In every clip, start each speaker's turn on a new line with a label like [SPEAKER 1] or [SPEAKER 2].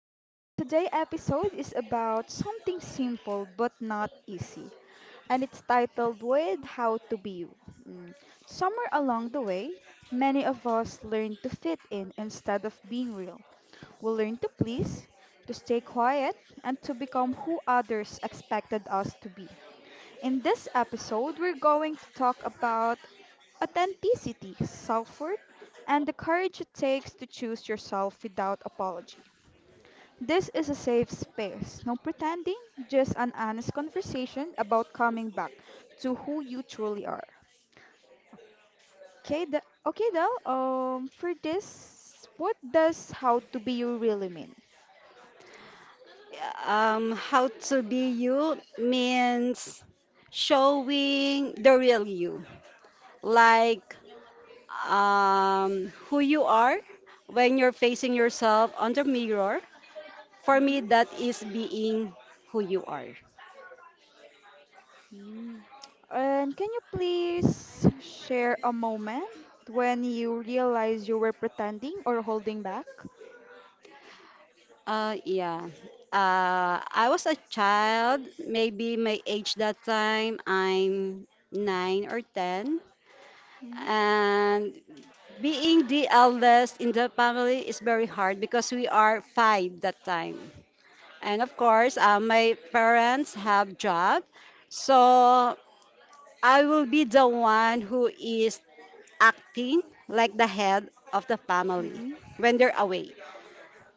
[SPEAKER 1] Today episode is about something simple but not easy, and it's titled with how to be you. Mm, Somewhere along the way, many of us learn to fit in instead of being real. We learn to please, to stay quiet, and to become who others expected us to be. In this episode, we're going to talk about authenticity, self-worth, and the courage it takes to choose yourself without apology. This is a safe space, no pretending, just an honest conversation about coming back to who you truly are. Okay, okay, Del. For this, what does how to be you really mean?
[SPEAKER 2] How to be you means showing the real you, like who you are when you're facing yourself on the mirror. For
[SPEAKER 1] Mhm.
[SPEAKER 2] me, that is being who you are.
[SPEAKER 1] Mm. And can you please share a moment when you realize you were pretending or holding back?
[SPEAKER 2] Yeah. I was a child, maybe my age that time, I'm 9 or 10.
[SPEAKER 1] Mhm.
[SPEAKER 2] And being the eldest in the family is very hard because we are five that time. And of course, my parents have job. So I will be the one who is acting like the head of the family
[SPEAKER 1] Mhm.
[SPEAKER 2] when they're away.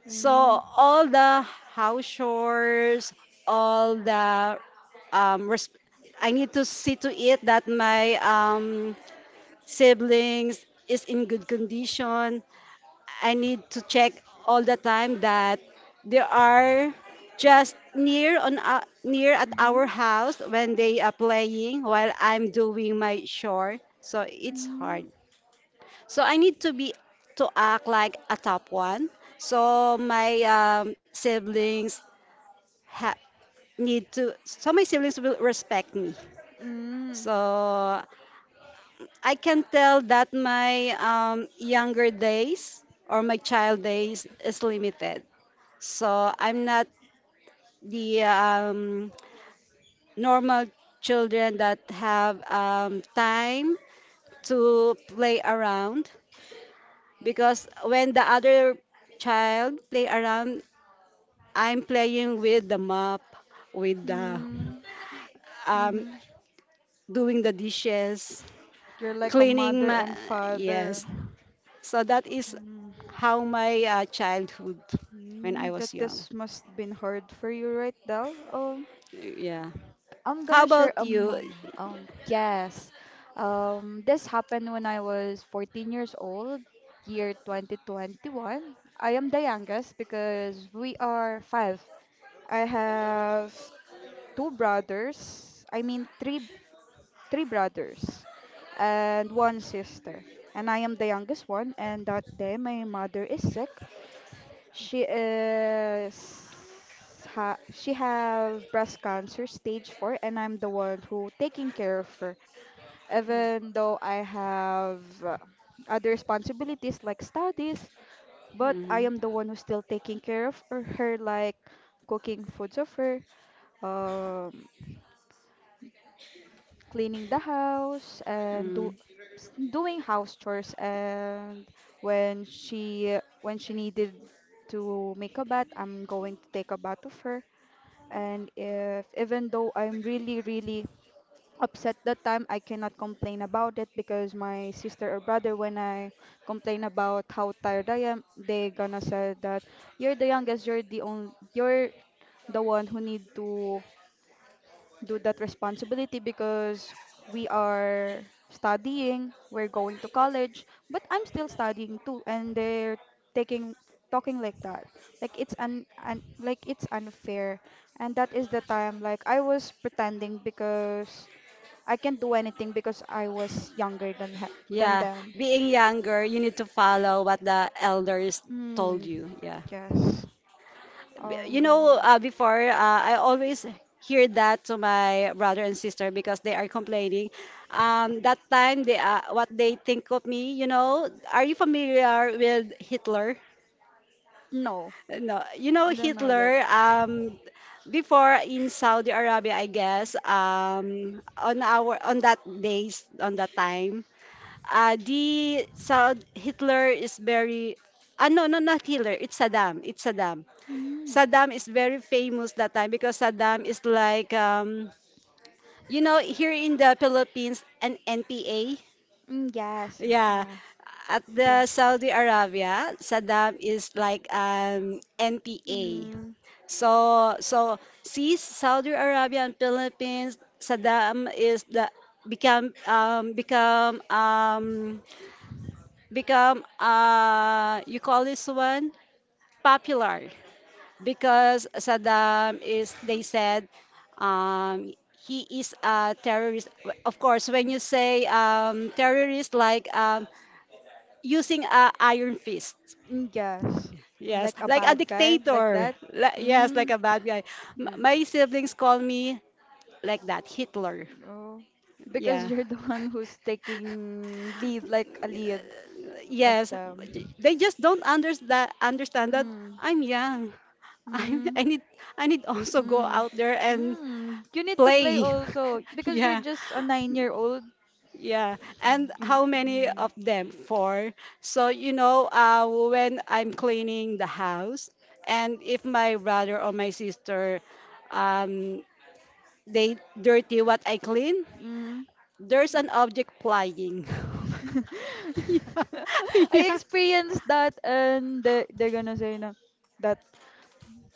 [SPEAKER 2] So
[SPEAKER 1] Mm.
[SPEAKER 2] all the house chores, all the um, res- I need to see to it that my siblings is in good condition. I need to check all the time that they are just near on near at our
[SPEAKER 1] Mhm.
[SPEAKER 2] house when they are playing while I'm doing my chore. So it's hard.
[SPEAKER 1] Mhm.
[SPEAKER 2] So I need to be to act like a top one. So my siblings ha- need to. So my siblings will respect me.
[SPEAKER 1] Mm.
[SPEAKER 2] So I can tell that my younger days or my child days is limited. So I'm not the normal children that have time to play around because when the other child play around, I'm playing with the mop, with the
[SPEAKER 1] Mm.
[SPEAKER 2] um,
[SPEAKER 1] Mhm.
[SPEAKER 2] doing the dishes,
[SPEAKER 1] You're like a
[SPEAKER 2] cleaning
[SPEAKER 1] mother
[SPEAKER 2] my,
[SPEAKER 1] and
[SPEAKER 2] yes.
[SPEAKER 1] father.
[SPEAKER 2] So that is
[SPEAKER 1] Mm.
[SPEAKER 2] how my childhood when I
[SPEAKER 1] Mm.
[SPEAKER 2] was
[SPEAKER 1] That
[SPEAKER 2] young.
[SPEAKER 1] this must been hard for you, right, Dal?
[SPEAKER 2] Yeah.
[SPEAKER 1] I'm
[SPEAKER 2] How
[SPEAKER 1] gonna share
[SPEAKER 2] about
[SPEAKER 1] a
[SPEAKER 2] you?
[SPEAKER 1] moment. Yes. This happened when I was 14 years old, year 2021. I am the youngest because we are five. I have two brothers. I mean, three brothers and one sister. And I am the youngest one. And that day, my mother is sick. She is ha she have breast cancer stage 4, and I'm the one who taking care of her. Even though I have other responsibilities like studies, but I
[SPEAKER 2] Mm-hmm.
[SPEAKER 1] am the one who's still taking care of like cooking foods of her, um, cleaning the house and
[SPEAKER 2] Mm.
[SPEAKER 1] doing house chores and when she needed to make a bath, I'm going to take a bath of her. And if even though I'm really, really upset that time, I cannot complain about it because my sister or brother, when I complain about how tired I am, they gonna say that you're the youngest, you're the one who need to do that responsibility because we are studying, we're going to college, but I'm still studying too, and they're taking talking like that. Like it's unfair. And that is the time like I was pretending because I can't do anything because I was younger than
[SPEAKER 2] Yeah,
[SPEAKER 1] them.
[SPEAKER 2] being younger, you need to follow what the elders told
[SPEAKER 1] Hmm.
[SPEAKER 2] you. Yeah.
[SPEAKER 1] Yes. Um.
[SPEAKER 2] Before, I always hear that to my brother and sister because they are complaining. That time, they what they think of me, are you familiar with Hitler?
[SPEAKER 1] No,
[SPEAKER 2] No, you know
[SPEAKER 1] I don't know that.
[SPEAKER 2] Hitler. Before in Saudi Arabia, I guess. On our on that days, on that time, Hitler is very, ah, no, no, not Hitler, it's Saddam, it's Saddam.
[SPEAKER 1] Mm,
[SPEAKER 2] Saddam is very famous that time because Saddam is like, you know, here in the Philippines, an NPA.
[SPEAKER 1] mm, yes.
[SPEAKER 2] Yeah,
[SPEAKER 1] Ah,
[SPEAKER 2] at
[SPEAKER 1] okay.
[SPEAKER 2] the Saudi Arabia Saddam is like an NPA.
[SPEAKER 1] Mm.
[SPEAKER 2] So see, Saudi Arabia and Philippines, Saddam is the become become become you call this one, popular. Because Saddam is, they said, um he is a terrorist. Of course when you say terrorist, like using a iron fist.
[SPEAKER 1] Mm, yes. I'm
[SPEAKER 2] Yes,
[SPEAKER 1] like a
[SPEAKER 2] like a
[SPEAKER 1] bad guy, like
[SPEAKER 2] dictator,
[SPEAKER 1] that.
[SPEAKER 2] Yes, like
[SPEAKER 1] Mm,
[SPEAKER 2] a bad guy.
[SPEAKER 1] mm.
[SPEAKER 2] My siblings call me like that, Hitler.
[SPEAKER 1] Oh, because
[SPEAKER 2] Yeah.
[SPEAKER 1] you're the one who's taking lead, like a lead of
[SPEAKER 2] Yes,
[SPEAKER 1] them.
[SPEAKER 2] they just don't understand that
[SPEAKER 1] Mm,
[SPEAKER 2] I'm young. I,
[SPEAKER 1] mm,
[SPEAKER 2] I need I need also go
[SPEAKER 1] mm,
[SPEAKER 2] out there and
[SPEAKER 1] mm. You need to play
[SPEAKER 2] play.
[SPEAKER 1] also because you're
[SPEAKER 2] Yeah,
[SPEAKER 1] just a 9-year-old.
[SPEAKER 2] yeah. And
[SPEAKER 1] You.
[SPEAKER 2] how many
[SPEAKER 1] Mm,
[SPEAKER 2] of them? Four. So, when I'm cleaning the house, and if my brother or my sister, um, they dirty what I clean,
[SPEAKER 1] mm.
[SPEAKER 2] there's an object flying. Yeah,
[SPEAKER 1] I
[SPEAKER 2] yeah.
[SPEAKER 1] experienced that, and they're gonna say na that.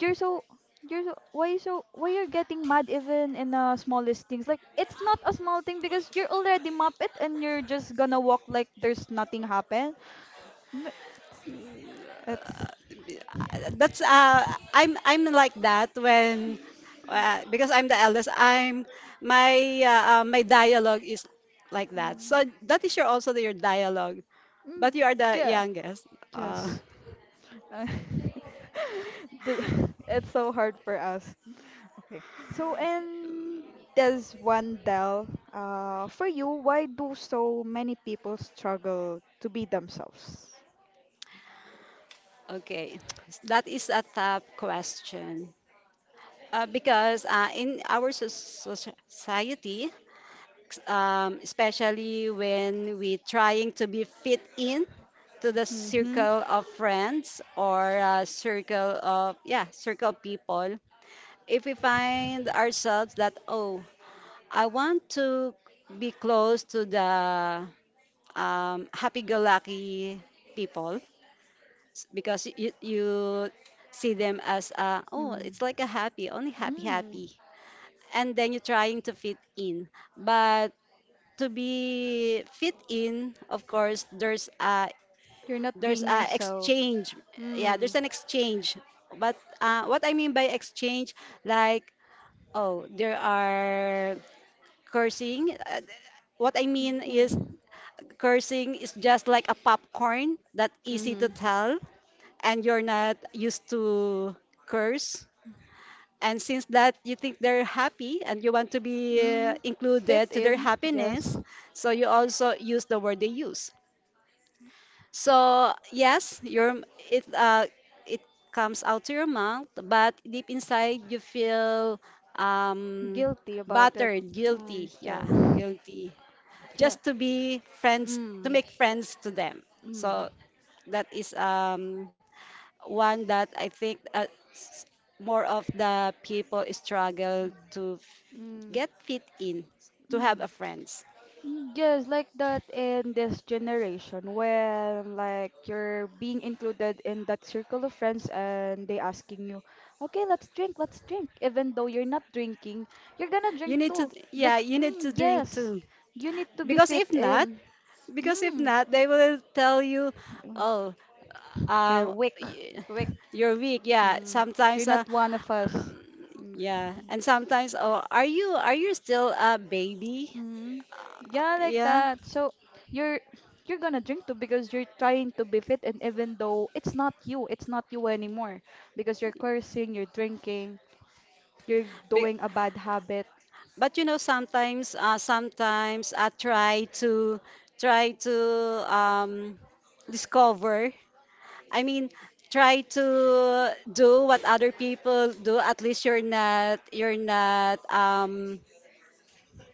[SPEAKER 1] You're so you're so Why you so why you're getting mad even in the smallest things, like it's not a small thing because you're already map it and you're just gonna walk like there's nothing happened. Mm, it's, it's,
[SPEAKER 2] That's I'm like that when, because I'm the eldest, I'm my my dialogue is like that, so that is your also your dialogue, but
[SPEAKER 1] mm,
[SPEAKER 2] you are the
[SPEAKER 1] yeah,
[SPEAKER 2] youngest. uh,
[SPEAKER 1] yes. Uh, the- it's so hard for us. Okay, so, and there's one, Del, for you, why do so many people struggle to be themselves?
[SPEAKER 2] okay, that is a tough question. Because, in our society, especially when we trying to be fit in to the
[SPEAKER 1] Mm-hmm.
[SPEAKER 2] circle of friends, or circle of, yeah, circle people. If we find ourselves that, oh, I want to be close to the happy-go-lucky people. Because you see them as, oh,
[SPEAKER 1] Mm.
[SPEAKER 2] it's like a happy, only happy
[SPEAKER 1] Mm.
[SPEAKER 2] happy. And then you're trying to fit in, but to be fit in, of course, there's a
[SPEAKER 1] You're not being yourself.
[SPEAKER 2] exchange. Yeah, there's
[SPEAKER 1] Mm.
[SPEAKER 2] an exchange. But what I mean by exchange, like, oh, there are cursing. What I mean
[SPEAKER 1] Yeah.
[SPEAKER 2] is cursing is just like a popcorn that easy to
[SPEAKER 1] Mm-hmm.
[SPEAKER 2] tell, and you're not used to curse. And since that you think they're happy and you want to be
[SPEAKER 1] Mm-hmm. Fit
[SPEAKER 2] included to their
[SPEAKER 1] in, yes.
[SPEAKER 2] happiness, so you also use the word they use. So yes, your it it comes out to your mouth, but deep inside you feel, um
[SPEAKER 1] Guilty about it.
[SPEAKER 2] battered,
[SPEAKER 1] Oh,
[SPEAKER 2] guilty. Yeah,
[SPEAKER 1] yes.
[SPEAKER 2] guilty.
[SPEAKER 1] Yeah.
[SPEAKER 2] Just to be friends, to
[SPEAKER 1] Mm.
[SPEAKER 2] make friends to them.
[SPEAKER 1] Mm.
[SPEAKER 2] So that is, one that I think, s- more of the people struggle to
[SPEAKER 1] Mm. Mm.
[SPEAKER 2] get fit in, to have
[SPEAKER 1] Mm,
[SPEAKER 2] a friends.
[SPEAKER 1] yes, like that in this generation when like you're being included in that circle of friends and they asking you, okay, let's drink, let's drink. Even though you're not drinking, you're gonna
[SPEAKER 2] You
[SPEAKER 1] drink
[SPEAKER 2] need to
[SPEAKER 1] too.
[SPEAKER 2] Yeah, you need to drink
[SPEAKER 1] Yes,
[SPEAKER 2] too.
[SPEAKER 1] you need to be
[SPEAKER 2] Because
[SPEAKER 1] fit
[SPEAKER 2] if not,
[SPEAKER 1] in. Mm.
[SPEAKER 2] They will tell you,
[SPEAKER 1] Mm,
[SPEAKER 2] oh,
[SPEAKER 1] you're
[SPEAKER 2] um,
[SPEAKER 1] weak,
[SPEAKER 2] y-
[SPEAKER 1] weak.
[SPEAKER 2] you're weak. Yeah,
[SPEAKER 1] Mm.
[SPEAKER 2] sometimes.
[SPEAKER 1] You're not one of us. Mm.
[SPEAKER 2] Yeah. And sometimes, oh, are you still a baby?
[SPEAKER 1] Mm. Yeah, like
[SPEAKER 2] Yeah.
[SPEAKER 1] that. So you're you're gonna drink too because you're trying to be fit, and even though it's not you anymore because you're cursing, you're drinking, you're
[SPEAKER 2] Be-
[SPEAKER 1] doing a bad habit.
[SPEAKER 2] but you know, sometimes, sometimes I try to, um, discover. I mean, try to do what other people do. At least you're not,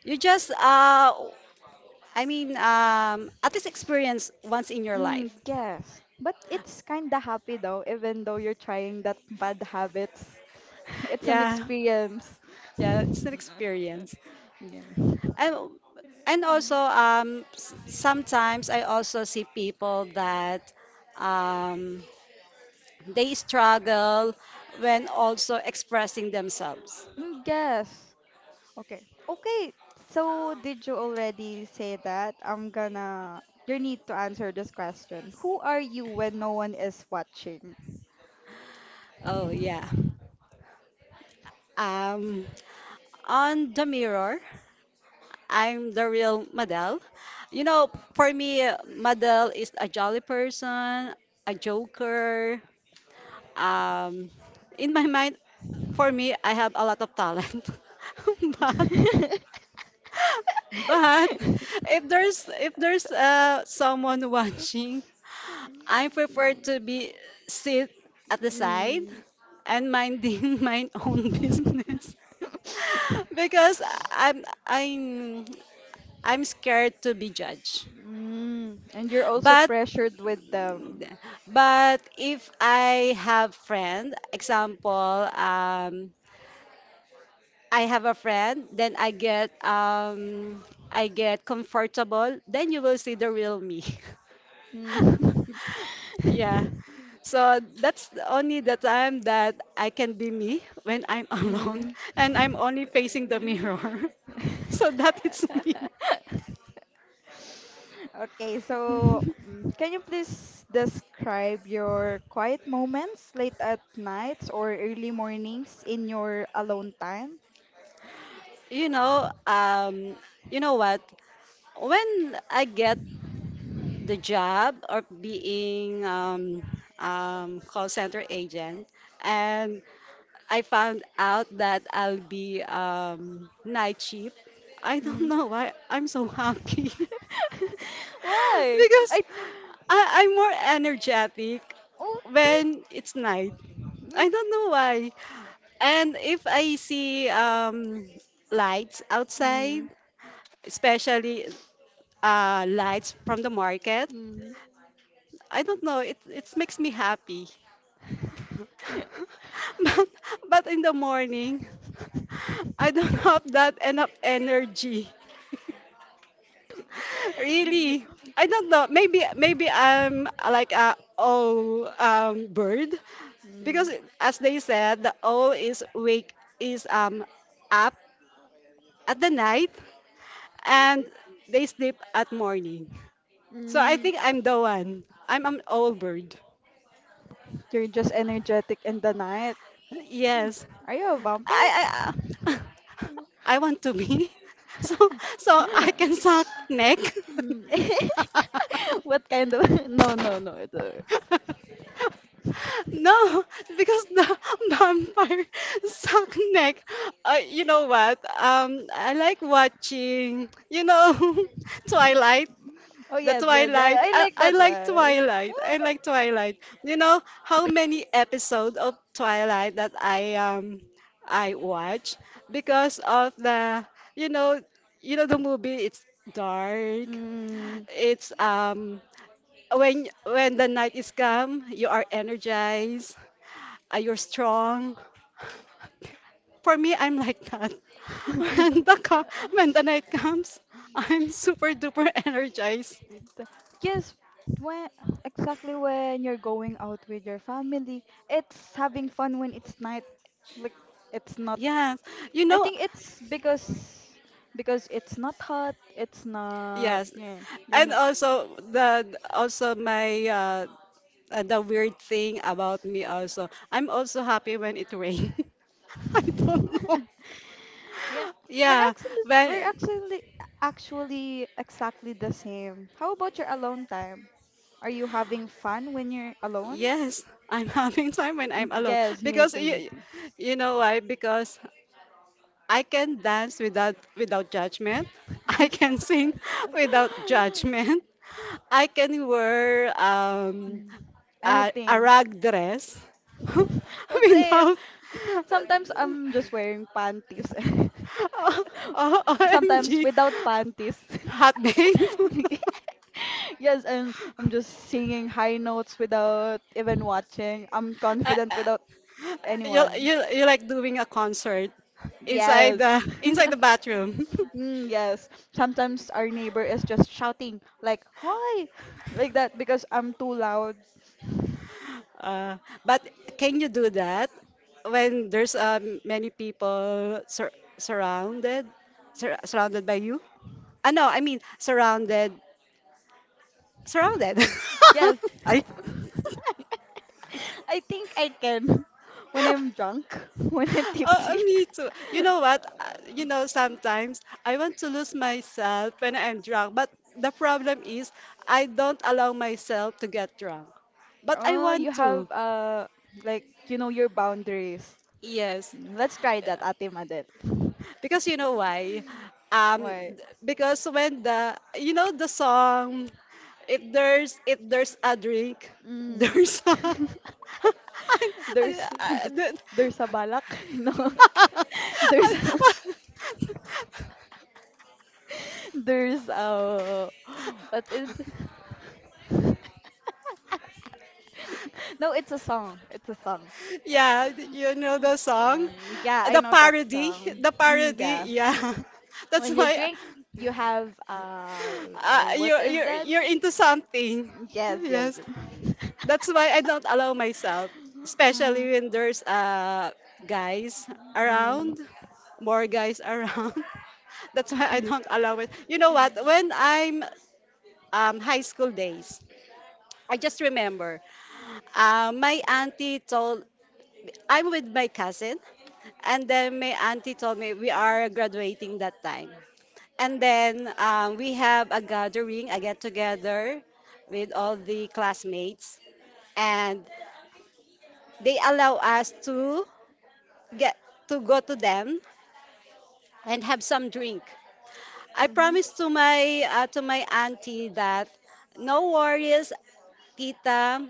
[SPEAKER 2] you just I mean, at least experience once in your
[SPEAKER 1] Mm,
[SPEAKER 2] life.
[SPEAKER 1] yes, but it's kinda happy though, even though you're trying that bad habits. It's an
[SPEAKER 2] Yeah,
[SPEAKER 1] experience.
[SPEAKER 2] yeah, it's an experience.
[SPEAKER 1] Yeah.
[SPEAKER 2] And and also, sometimes I also see people that, um, they struggle when also expressing themselves.
[SPEAKER 1] Mm, yes. Okay. Okay. So did you already say that? I'm gonna You need to answer this question. Who are you when no one is watching?
[SPEAKER 2] Oh, yeah. Um, on the mirror, I'm the real Madel. You know, for me, Madel is a jolly person, a joker. Um, in my mind, for me, I have a lot of talent, but but if there's someone watching, I prefer to be sit at the side
[SPEAKER 1] Mm.
[SPEAKER 2] and minding my own business, because I'm I'm I'm scared to be judged.
[SPEAKER 1] Mm. And you're also
[SPEAKER 2] But
[SPEAKER 1] pressured with them.
[SPEAKER 2] but if I have friend, example, um, I have a friend, then I get, I get comfortable, then you will see the real me.
[SPEAKER 1] Mm.
[SPEAKER 2] Yeah. So that's the only the time that I can be me when I'm alone
[SPEAKER 1] Mm.
[SPEAKER 2] and I'm only facing the mirror. So that is me.
[SPEAKER 1] Okay, so can you please describe your quiet moments late at nights or early mornings in your alone time?
[SPEAKER 2] You know, um, you know what? When I get the job of being, call center agent, and I found out that I'll be, night shift. I don't
[SPEAKER 1] Hmm.
[SPEAKER 2] know why I'm so happy.
[SPEAKER 1] Why?
[SPEAKER 2] Because
[SPEAKER 1] I.
[SPEAKER 2] I'm more energetic
[SPEAKER 1] Oh.
[SPEAKER 2] when it's night.
[SPEAKER 1] Mm,
[SPEAKER 2] I don't know why. And if I see, lights outside,
[SPEAKER 1] mm,
[SPEAKER 2] especially lights from the market,
[SPEAKER 1] mm.
[SPEAKER 2] I don't know. It makes me happy. but but in the morning, I don't have that enough energy. Really, I don't know. Maybe I'm like a owl, bird. Because
[SPEAKER 1] Mm.
[SPEAKER 2] as they said, the owl is wake is up at the night, and they sleep at morning. So I
[SPEAKER 1] Mm.
[SPEAKER 2] think I'm the one. I'm an owl bird.
[SPEAKER 1] You're just energetic in the night.
[SPEAKER 2] Yes.
[SPEAKER 1] Are you a vampire?
[SPEAKER 2] I I I want to be, so so I can suck neck.
[SPEAKER 1] Mm. What kind of no, no, no,
[SPEAKER 2] No, because the vampire suck neck. You know what? I like watching. You know, Twilight.
[SPEAKER 1] Oh,
[SPEAKER 2] The
[SPEAKER 1] yes, yes, yeah,
[SPEAKER 2] Twilight.
[SPEAKER 1] I
[SPEAKER 2] I,
[SPEAKER 1] like
[SPEAKER 2] I
[SPEAKER 1] that
[SPEAKER 2] like
[SPEAKER 1] one.
[SPEAKER 2] Twilight.
[SPEAKER 1] Why?
[SPEAKER 2] I like Twilight. You know how many episodes of Twilight that I watch because of the, you know you know, the movie, it's dark.
[SPEAKER 1] Mm.
[SPEAKER 2] It's when the night is come, you are energized, you're strong. For me, I'm like that. When the co- when the night comes, I'm super duper energized.
[SPEAKER 1] The- Yes, when exactly when you're going out with your family, it's having fun when it's night. Like it's not.
[SPEAKER 2] Yes, you
[SPEAKER 1] I
[SPEAKER 2] know,
[SPEAKER 1] think it's because it's not hot. It's not.
[SPEAKER 2] yes,
[SPEAKER 1] Yeah, you're
[SPEAKER 2] and
[SPEAKER 1] not.
[SPEAKER 2] also the also my, the weird thing about me also, I'm also happy when it rains. I don't know.
[SPEAKER 1] Yeah,
[SPEAKER 2] Yeah,
[SPEAKER 1] we're
[SPEAKER 2] when
[SPEAKER 1] actually actually exactly the same. How about your alone time? Are you having fun when you're alone?
[SPEAKER 2] yes, I'm having time when I'm alone
[SPEAKER 1] Yes, me
[SPEAKER 2] because
[SPEAKER 1] too, me too.
[SPEAKER 2] you know why? Because I can dance without judgment. I can sing without judgment. I can wear,
[SPEAKER 1] Mm,
[SPEAKER 2] a
[SPEAKER 1] anything.
[SPEAKER 2] rag dress,
[SPEAKER 1] Well, same.
[SPEAKER 2] without,
[SPEAKER 1] Sometimes I'm just wearing panties.
[SPEAKER 2] oh, oh,
[SPEAKER 1] Sometimes
[SPEAKER 2] OMG,
[SPEAKER 1] without panties.
[SPEAKER 2] hot babe.
[SPEAKER 1] Yes, and I'm just singing high notes without even watching. I'm
[SPEAKER 2] I-
[SPEAKER 1] confident
[SPEAKER 2] I-
[SPEAKER 1] without anyone.
[SPEAKER 2] you like doing a concert inside
[SPEAKER 1] Yes.
[SPEAKER 2] the bathroom.
[SPEAKER 1] Mm, yes. Sometimes our neighbor is just shouting like "Hoy!" like that because I'm too loud.
[SPEAKER 2] uh, but can you do that when there's, many people surrounded by you, ah, no, I mean, surrounded?
[SPEAKER 1] Yes.
[SPEAKER 2] I.
[SPEAKER 1] I think I can when I'm drunk, when I'm
[SPEAKER 2] Oh,
[SPEAKER 1] tipsy.
[SPEAKER 2] me too. You know what? Sometimes I want to lose myself when I'm drunk, but the problem is I don't allow myself to get drunk. But I
[SPEAKER 1] Oh, you
[SPEAKER 2] want
[SPEAKER 1] have
[SPEAKER 2] to.
[SPEAKER 1] like you know your boundaries.
[SPEAKER 2] Yes.
[SPEAKER 1] Mm, let's try that, Ate Madel.
[SPEAKER 2] Because you know why? Um,
[SPEAKER 1] Why?
[SPEAKER 2] because when the, you know, the song, if there's, a drink,
[SPEAKER 1] Mm.
[SPEAKER 2] there's a. I,
[SPEAKER 1] There's
[SPEAKER 2] I,
[SPEAKER 1] there's a balak, you know.
[SPEAKER 2] I,
[SPEAKER 1] There's
[SPEAKER 2] I-
[SPEAKER 1] there's a what is no, it's a song. It's a song.
[SPEAKER 2] Yeah, you know the song?
[SPEAKER 1] Yeah, I
[SPEAKER 2] The
[SPEAKER 1] know that
[SPEAKER 2] parody,
[SPEAKER 1] song.
[SPEAKER 2] the
[SPEAKER 1] Mm,
[SPEAKER 2] parody,
[SPEAKER 1] yeah.
[SPEAKER 2] yeah. That's
[SPEAKER 1] When you
[SPEAKER 2] why,
[SPEAKER 1] drink, you have what is that
[SPEAKER 2] you're
[SPEAKER 1] mean?
[SPEAKER 2] into something.
[SPEAKER 1] Yes, yes,
[SPEAKER 2] Yes.
[SPEAKER 1] yes.
[SPEAKER 2] That's why I don't allow myself,
[SPEAKER 1] Mm,
[SPEAKER 2] especially when there's, guys
[SPEAKER 1] mm,
[SPEAKER 2] around, more guys around. That's why I don't allow it. You know what? When I'm, high school days, I just remember, my auntie told, I'm with my cousin, and then my auntie told me we are graduating that time. And then, we have a gathering, a get together with all the classmates, and they allow us to get to go to them and have some drink. I
[SPEAKER 1] hmm.
[SPEAKER 2] promised to my, to my auntie that, no worries, tita.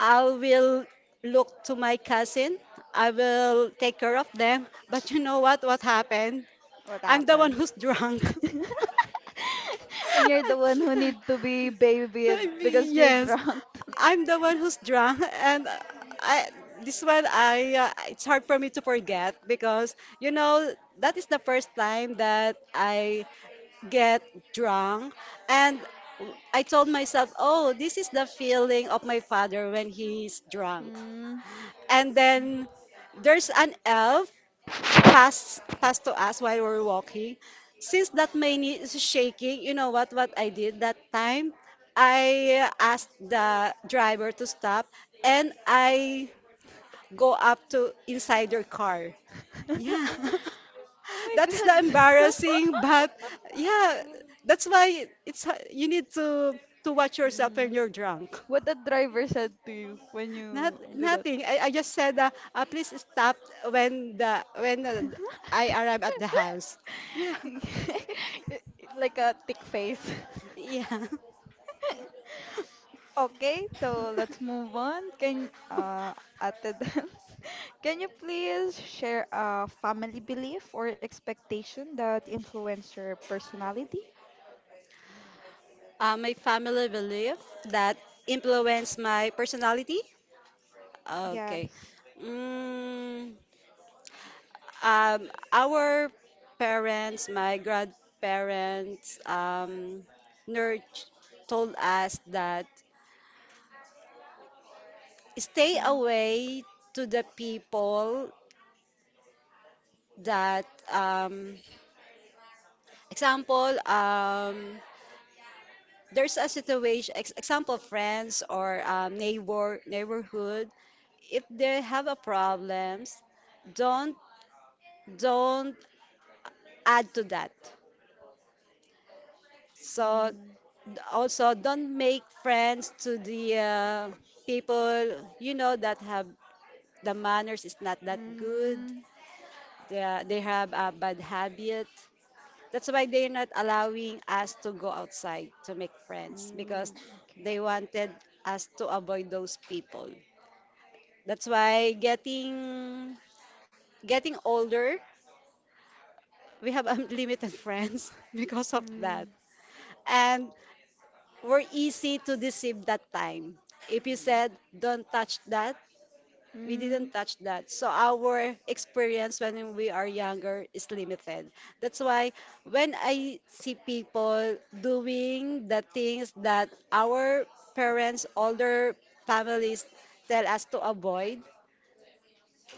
[SPEAKER 2] I will look to my cousin. I will take care of them. But you know what? What happened?
[SPEAKER 1] What
[SPEAKER 2] I'm the one
[SPEAKER 1] happened?
[SPEAKER 2] who's drunk.
[SPEAKER 1] And you're the one who need to be babied because you're
[SPEAKER 2] Yes,
[SPEAKER 1] drunk.
[SPEAKER 2] I'm the one who's drunk, and I this one I it's hard for me to forget because that is the first time that I get drunk. And I told myself, oh, this is the feeling of my father when he's drunk. And then there's an elf
[SPEAKER 1] Mm-hmm.
[SPEAKER 2] passed to us while we were walking. Since that my knee is shaking, you know what I did that time? I asked the driver to stop and I go up to inside your car. Yeah.
[SPEAKER 1] Oh my
[SPEAKER 2] That is the
[SPEAKER 1] god.
[SPEAKER 2] embarrassing, but yeah, that's why it's you need to watch yourself when
[SPEAKER 1] Mm.
[SPEAKER 2] you're drunk.
[SPEAKER 1] What the driver said to you when
[SPEAKER 2] Not,
[SPEAKER 1] you do that?
[SPEAKER 2] nothing. I just said, please stop when the when I arrive at the house. Yeah,
[SPEAKER 1] Like a thick face.
[SPEAKER 2] yeah.
[SPEAKER 1] Okay, so let's move on. Can Ate Del, can you please share a family belief or expectation that influence your personality?
[SPEAKER 2] My family belief that influence my personality. Okay.
[SPEAKER 1] Yes.
[SPEAKER 2] Mm, um, our parents, my grandparents, nurture told us that stay
[SPEAKER 1] Mhm.
[SPEAKER 2] away to the people that um, example, there's a situation, ex example, friends or neighbor, neighborhood, if they have a problems, don't don't add to that. So
[SPEAKER 1] Mm,
[SPEAKER 2] also don't make friends to the people you know that have the manners is not that good.
[SPEAKER 1] mm,
[SPEAKER 2] They have a bad habit. That's why they're not allowing us to go outside to make friends because
[SPEAKER 1] mm, okay.
[SPEAKER 2] they wanted us to avoid those people. That's why getting older, we have unlimited friends because of that.
[SPEAKER 1] Mm,
[SPEAKER 2] And we're easy to deceive that time. If you
[SPEAKER 1] mm.
[SPEAKER 2] said, don't touch that, we didn't
[SPEAKER 1] Mm,
[SPEAKER 2] touch that. So our experience when we are younger is limited. That's why when I see people doing the things that our parents, older families tell us to avoid,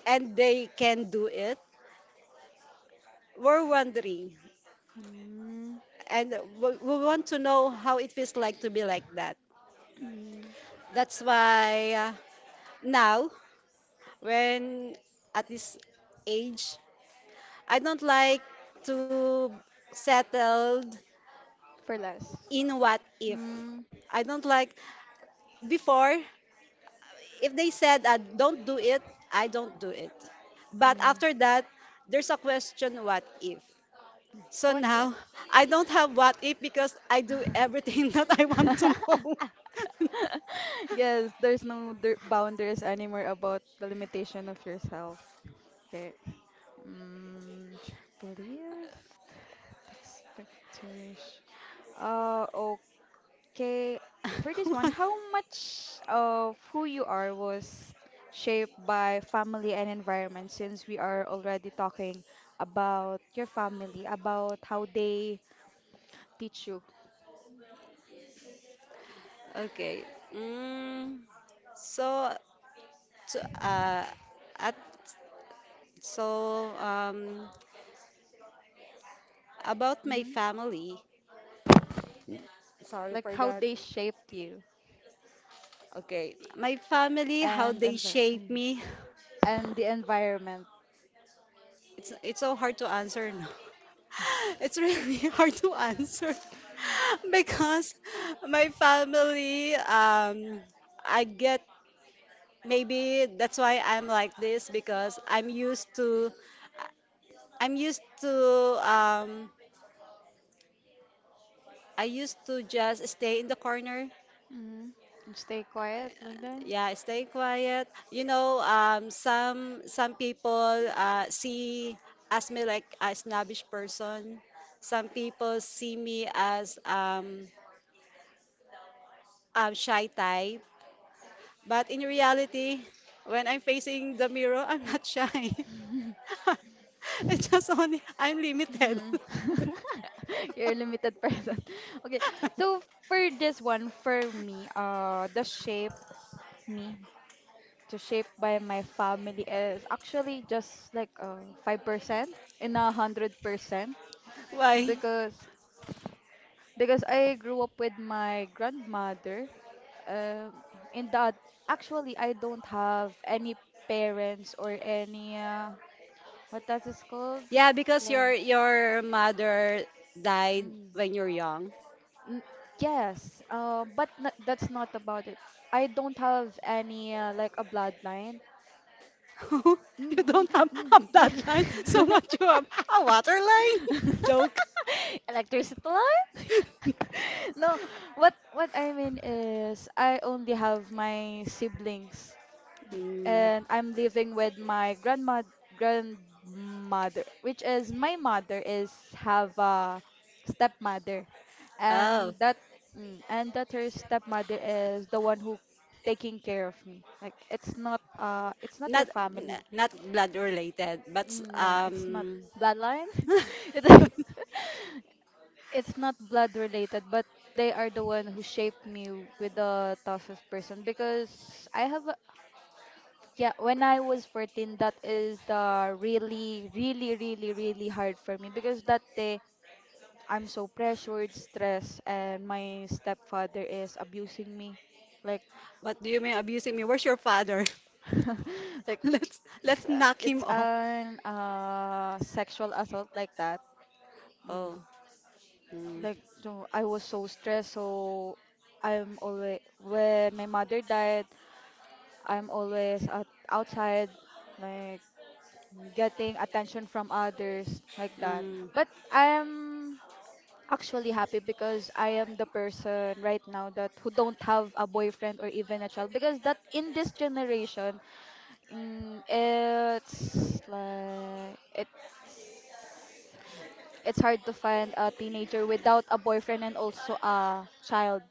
[SPEAKER 2] and they can do it, we're wondering.
[SPEAKER 1] mm,
[SPEAKER 2] And we want to know how it feels like to be like that.
[SPEAKER 1] mm.
[SPEAKER 2] That's why now, when at this age, I don't like to settled
[SPEAKER 1] For less.
[SPEAKER 2] in what if.
[SPEAKER 1] Mm,
[SPEAKER 2] I don't like before if they said don't do it, I don't do it. But
[SPEAKER 1] mm.
[SPEAKER 2] after that, there's a question what if. So
[SPEAKER 1] What if?
[SPEAKER 2] now I don't have what if because I do everything that I want to know.
[SPEAKER 1] Yes, there's no boundaries anymore about the limitation of yourself. Okay. Mm, belief, expectation. Uh, Okay, for this one, how much of who you are was shaped by family and environment, since we are already talking about your family, about how they teach you,
[SPEAKER 2] Okay. Mm, so to, uh, at so about my
[SPEAKER 1] hmm,
[SPEAKER 2] family. Sorry
[SPEAKER 1] like
[SPEAKER 2] for
[SPEAKER 1] how
[SPEAKER 2] that.
[SPEAKER 1] they shaped you
[SPEAKER 2] Okay, my family, how
[SPEAKER 1] and
[SPEAKER 2] they shape me.
[SPEAKER 1] and the environment.
[SPEAKER 2] It's so hard to answer now. It's really hard to answer because my family, I get maybe that's why I'm like this because I'm used to um, I used to just stay in the corner,
[SPEAKER 1] Hmm. Stay quiet like that.
[SPEAKER 2] yeah, stay quiet, you know. Some people see as me like a snobbish person, some people see me as a shy type, but in reality, when I'm facing the mirror, I'm not shy. It's just only I'm limited.
[SPEAKER 1] Mm. You're a limited person. Okay, so for this one, for me, the shape me to shape by my family is actually just like 5% in a 100%
[SPEAKER 2] Why?
[SPEAKER 1] because I grew up with my grandmother. um, in that, actually, I don't have any parents or any what does it called,
[SPEAKER 2] Yeah, because
[SPEAKER 1] like
[SPEAKER 2] your mother died
[SPEAKER 1] mm,
[SPEAKER 2] when you're young.
[SPEAKER 1] n- yes, but that's not about it. I don't have any like a bloodline.
[SPEAKER 2] You
[SPEAKER 1] Mm,
[SPEAKER 2] don't have a bloodline so
[SPEAKER 1] yeah.
[SPEAKER 2] much you have a water line? Joke.
[SPEAKER 1] Electricity line? No, what I mean is I only have my siblings
[SPEAKER 2] Mm.
[SPEAKER 1] and I'm living with my grandma grandmother, which is my mother is have a stepmother. And
[SPEAKER 2] Oh,
[SPEAKER 1] that mm, and that her stepmother is the one who taking care of me. Like it's not
[SPEAKER 2] not
[SPEAKER 1] your family.
[SPEAKER 2] not blood related, but
[SPEAKER 1] Mm, yeah, it's not bloodline. It- it's not blood related, but they are the one who shaped me with the toughest person because I have a, yeah, when I was 14, that is the really, really, really, really hard for me because that day I'm so pressured, stressed, and my stepfather is abusing me. Like,
[SPEAKER 2] what do you mean abusing me? Where's your father?
[SPEAKER 1] like
[SPEAKER 2] let's
[SPEAKER 1] it's,
[SPEAKER 2] let's
[SPEAKER 1] uh,
[SPEAKER 2] knock him
[SPEAKER 1] it's
[SPEAKER 2] off.
[SPEAKER 1] an sexual assault like that. Mm.
[SPEAKER 2] Oh, mm,
[SPEAKER 1] like no, I was so stressed. So I'm always when my mother died, I'm always outside, like getting attention from others like that.
[SPEAKER 2] mm,
[SPEAKER 1] But I'm actually happy because I am the person right now that who don't have a boyfriend or even a child, because that in this generation, mm, it's like it's hard to find a teenager without a boyfriend and also a child.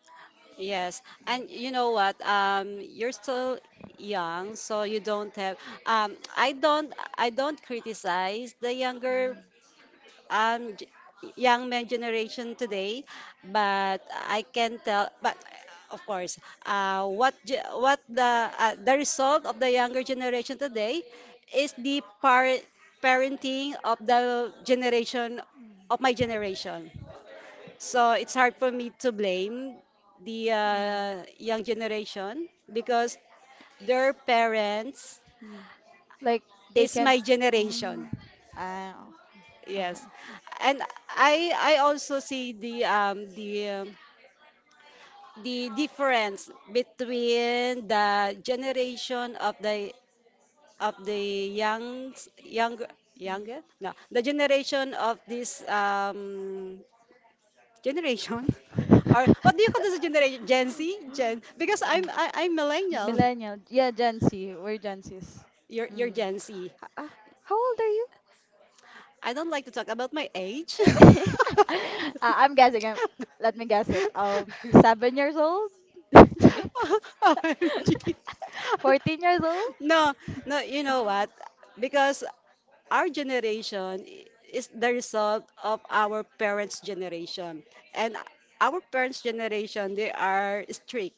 [SPEAKER 2] yes. And you know what? You're still young, so you don't have. Um, I don't I don't criticize the younger
[SPEAKER 1] Mm,
[SPEAKER 2] um g- young men generation today, but I can tell. But of course, what ge- what the result of the younger generation today is the parenting of the generation of
[SPEAKER 1] mm,
[SPEAKER 2] my generation. So it's hard for me to blame the
[SPEAKER 1] mm,
[SPEAKER 2] young generation because their parents
[SPEAKER 1] mm. Like they
[SPEAKER 2] is
[SPEAKER 1] can.
[SPEAKER 2] my generation.
[SPEAKER 1] Mm, ah, oh, okay.
[SPEAKER 2] Yes. And I also see um, the difference between the generation of the young younger
[SPEAKER 1] Mm.
[SPEAKER 2] younger no the generation of this generation, or what do you call this generation, Gen Z? Gen, because
[SPEAKER 1] Yeah,
[SPEAKER 2] I'm millennial.
[SPEAKER 1] millennial. Yeah, Gen Z. We're Gen Zs.
[SPEAKER 2] You're
[SPEAKER 1] Mm.
[SPEAKER 2] Gen Z.
[SPEAKER 1] H- ah, how old are you?
[SPEAKER 2] I don't like to talk about my age.
[SPEAKER 1] uh, I'm guessing. Let me guess it. 7 years old.
[SPEAKER 2] OMG.
[SPEAKER 1] 14 years old.
[SPEAKER 2] No, no, you know what? Because our generation is the result of our parents' generation. And our parents' generation, they are strict.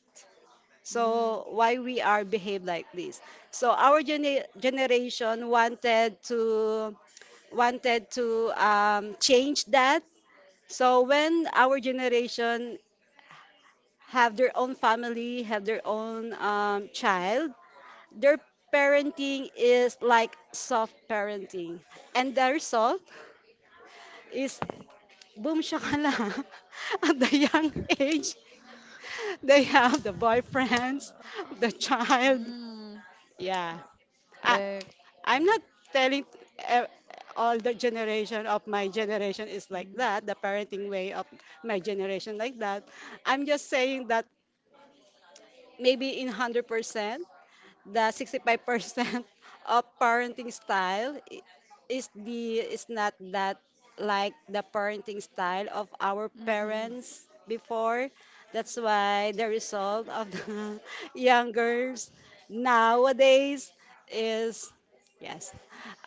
[SPEAKER 2] So why we are behave like this? So our generation wanted to change that. So when our generation have their own family, have their own child, their parenting is like soft parenting. And the result is boom shakala at the young age. They have the boyfriends, the child.
[SPEAKER 1] Mm,
[SPEAKER 2] Yeah. I,
[SPEAKER 1] like,
[SPEAKER 2] I'm not telling uh, all the generation of my generation is like
[SPEAKER 1] mm,
[SPEAKER 2] that, the parenting way of my generation like that. I'm just saying that maybe in 100%, the 65% of parenting style is the is not that like the parenting style of our
[SPEAKER 1] mm, mm.
[SPEAKER 2] parents before. That's why the result of the young girls nowadays is, yes,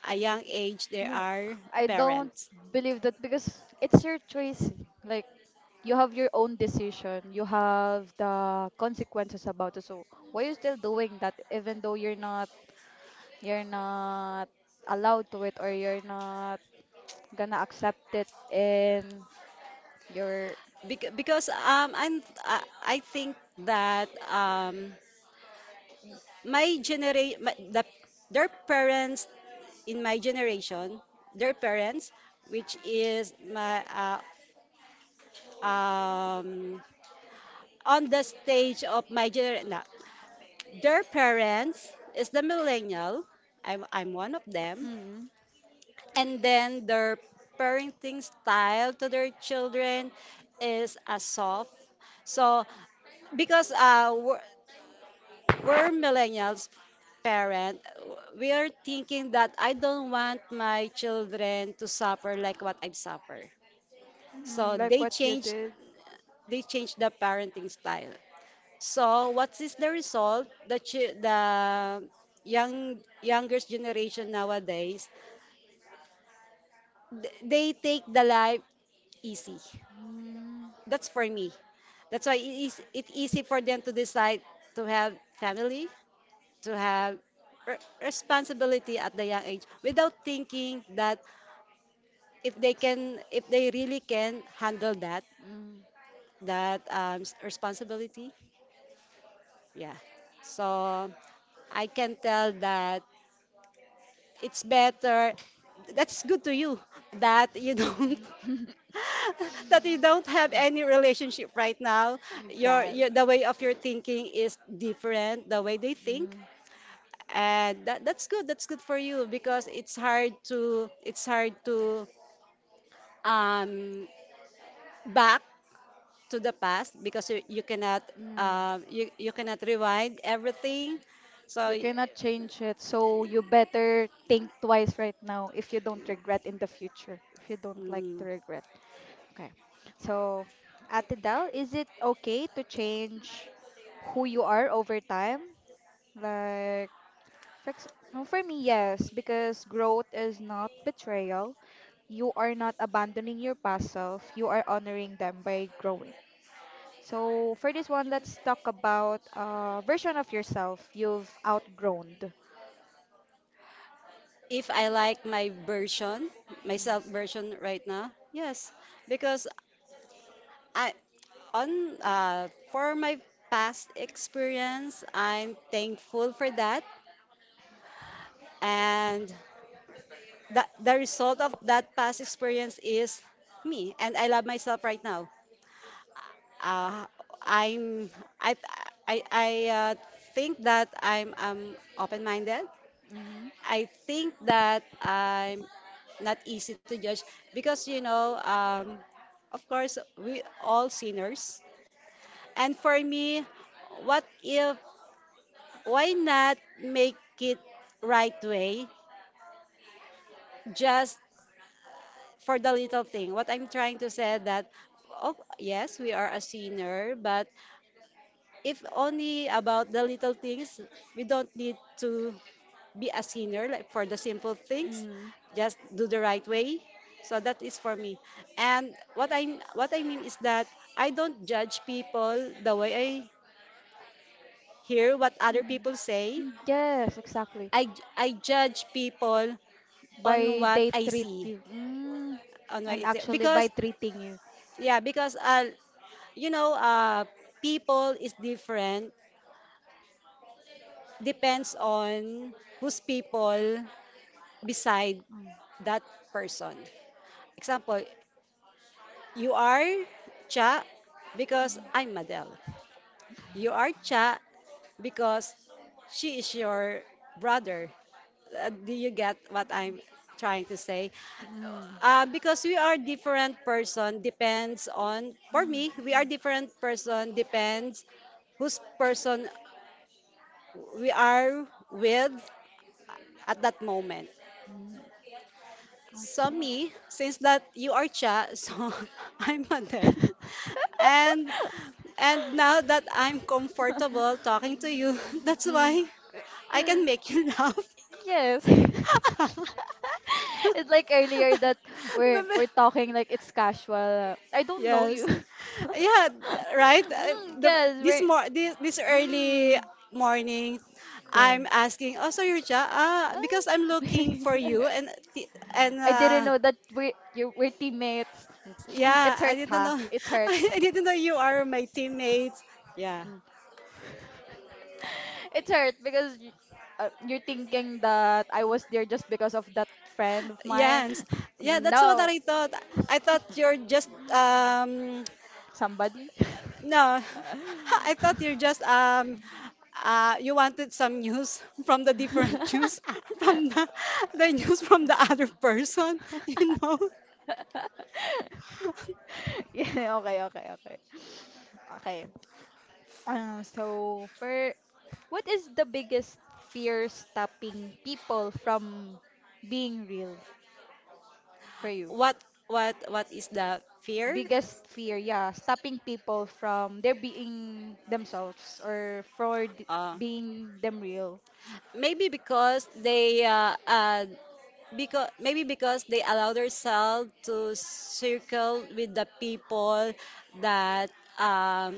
[SPEAKER 2] a young age they
[SPEAKER 1] No,
[SPEAKER 2] are
[SPEAKER 1] I don't
[SPEAKER 2] parents.
[SPEAKER 1] believe that because it's your choice. Like you have your own decision, you have the consequences about it. So why you still doing that even though you're not allowed to it, or you're not gonna accept it in your.
[SPEAKER 2] Because I think that my generation, the, their parents in my generation, their parents, which is my um, on the stage of my generation, no, their parents is the millennial. I'm one of them.
[SPEAKER 1] Mm,
[SPEAKER 2] And then their parenting style to their children is a soft. So because we're millennials parent, we are thinking that I don't want my children to suffer like what I've suffered. So
[SPEAKER 1] mm, like
[SPEAKER 2] they
[SPEAKER 1] what you
[SPEAKER 2] changed,
[SPEAKER 1] did.
[SPEAKER 2] they changed the parenting style. So what is the result? The the young younger generation nowadays, they take the life easy.
[SPEAKER 1] Mm,
[SPEAKER 2] That's for me. That's why it is it easy for them to decide to have family, to have responsibility at the young age without thinking that if they
[SPEAKER 1] it's,
[SPEAKER 2] can, if they really can handle that
[SPEAKER 1] mm,
[SPEAKER 2] that responsibility, yeah. So I can tell that it's better, that's good to you, that you don't that you don't have any relationship right now. Your
[SPEAKER 1] God.
[SPEAKER 2] your, the way of your thinking is different the way they think.
[SPEAKER 1] Mm,
[SPEAKER 2] And that, that's good, that's good for you because it's hard to, it's hard to um back to the past because you cannot
[SPEAKER 1] mm.
[SPEAKER 2] you cannot rewind everything. So,
[SPEAKER 1] You cannot change it, so you better think twice right now if you don't regret in the future, if you don't like to
[SPEAKER 2] mm,
[SPEAKER 1] regret. Okay. So, Ate Del, is it okay to change who you are over time? Like, no, for me, yes, because growth is not betrayal. You are not abandoning your past self, you are honoring them by growing. So, for this one, let's talk about a version of yourself you've outgrown.
[SPEAKER 2] if I like my version, myself version right now, yes, because I on for my past experience I'm thankful for that. And the result of that past experience is me, and I love myself right now. uh, i'm i I think that I'm open-minded.
[SPEAKER 1] Mm-hmm.
[SPEAKER 2] I think that I'm not easy to judge because you know of course we all sinners. And for me, what if, why not make it right way, just for the little thing. What I'm trying to say that oh yes, we are a sinner, but if only about the little things, we don't need to be a sinner like for the simple things.
[SPEAKER 1] Mm.
[SPEAKER 2] Just do the right way. So that is for me. And what I mean is that I don't judge people the way I hear what other
[SPEAKER 1] Mm.
[SPEAKER 2] people say.
[SPEAKER 1] Mm. Yes, exactly.
[SPEAKER 2] I I judge people on
[SPEAKER 1] By
[SPEAKER 2] what
[SPEAKER 1] they
[SPEAKER 2] I
[SPEAKER 1] treat
[SPEAKER 2] see.
[SPEAKER 1] you. Mm.
[SPEAKER 2] On what I
[SPEAKER 1] And
[SPEAKER 2] see.
[SPEAKER 1] actually by
[SPEAKER 2] Because
[SPEAKER 1] treating you.
[SPEAKER 2] yeah, because you know, people is different. Depends on whose people beside
[SPEAKER 1] Mm.
[SPEAKER 2] that person. Example, you are Cha because
[SPEAKER 1] Mm.
[SPEAKER 2] I'm Madel. You are Cha because she is your brother. Do you get what I'm trying to say?
[SPEAKER 1] Mm.
[SPEAKER 2] Because we are different person depends on, for me,
[SPEAKER 1] Mm.
[SPEAKER 2] we are different person depends whose person we are with at that moment.
[SPEAKER 1] Mm.
[SPEAKER 2] So
[SPEAKER 1] Okay.
[SPEAKER 2] me, since that you are Cha, so I'm Adele. And and now that I'm comfortable talking to you, that's why
[SPEAKER 1] Mm.
[SPEAKER 2] I can make you laugh.
[SPEAKER 1] Yes. It's like earlier that we're talking like it's casual. I don't know you.
[SPEAKER 2] Yes. Yeah, right?
[SPEAKER 1] Mm, yes,
[SPEAKER 2] This
[SPEAKER 1] we're
[SPEAKER 2] mor this this early
[SPEAKER 1] mm,
[SPEAKER 2] morning,
[SPEAKER 1] yeah.
[SPEAKER 2] I'm asking, "Oh, so you're Ja? Ah, because I'm
[SPEAKER 1] What?
[SPEAKER 2] looking for you and
[SPEAKER 1] I didn't know that we're teammates. Mm.
[SPEAKER 2] yeah,
[SPEAKER 1] It's
[SPEAKER 2] I
[SPEAKER 1] hurt,
[SPEAKER 2] didn't
[SPEAKER 1] ha?
[SPEAKER 2] know
[SPEAKER 1] It's hurt.
[SPEAKER 2] I didn't know you are my teammates." Yeah.
[SPEAKER 1] Mm. It's hurt because you're thinking that I was there just because of that friend of mine.
[SPEAKER 2] Yes. Yeah, that's what
[SPEAKER 1] No.
[SPEAKER 2] I thought. I thought you're just
[SPEAKER 1] Somebody.
[SPEAKER 2] no, I thought you're just you wanted some news from the different news from the news from the other person, you know.
[SPEAKER 1] Yeah, okay, okay, okay. Okay. So for what is the biggest fear stopping people from being real for you?
[SPEAKER 2] What what is the fear?
[SPEAKER 1] Biggest fear, yeah, stopping people from their being themselves or
[SPEAKER 2] Uh
[SPEAKER 1] being them real.
[SPEAKER 2] maybe because they because maybe because they allow themselves to circle with the people that um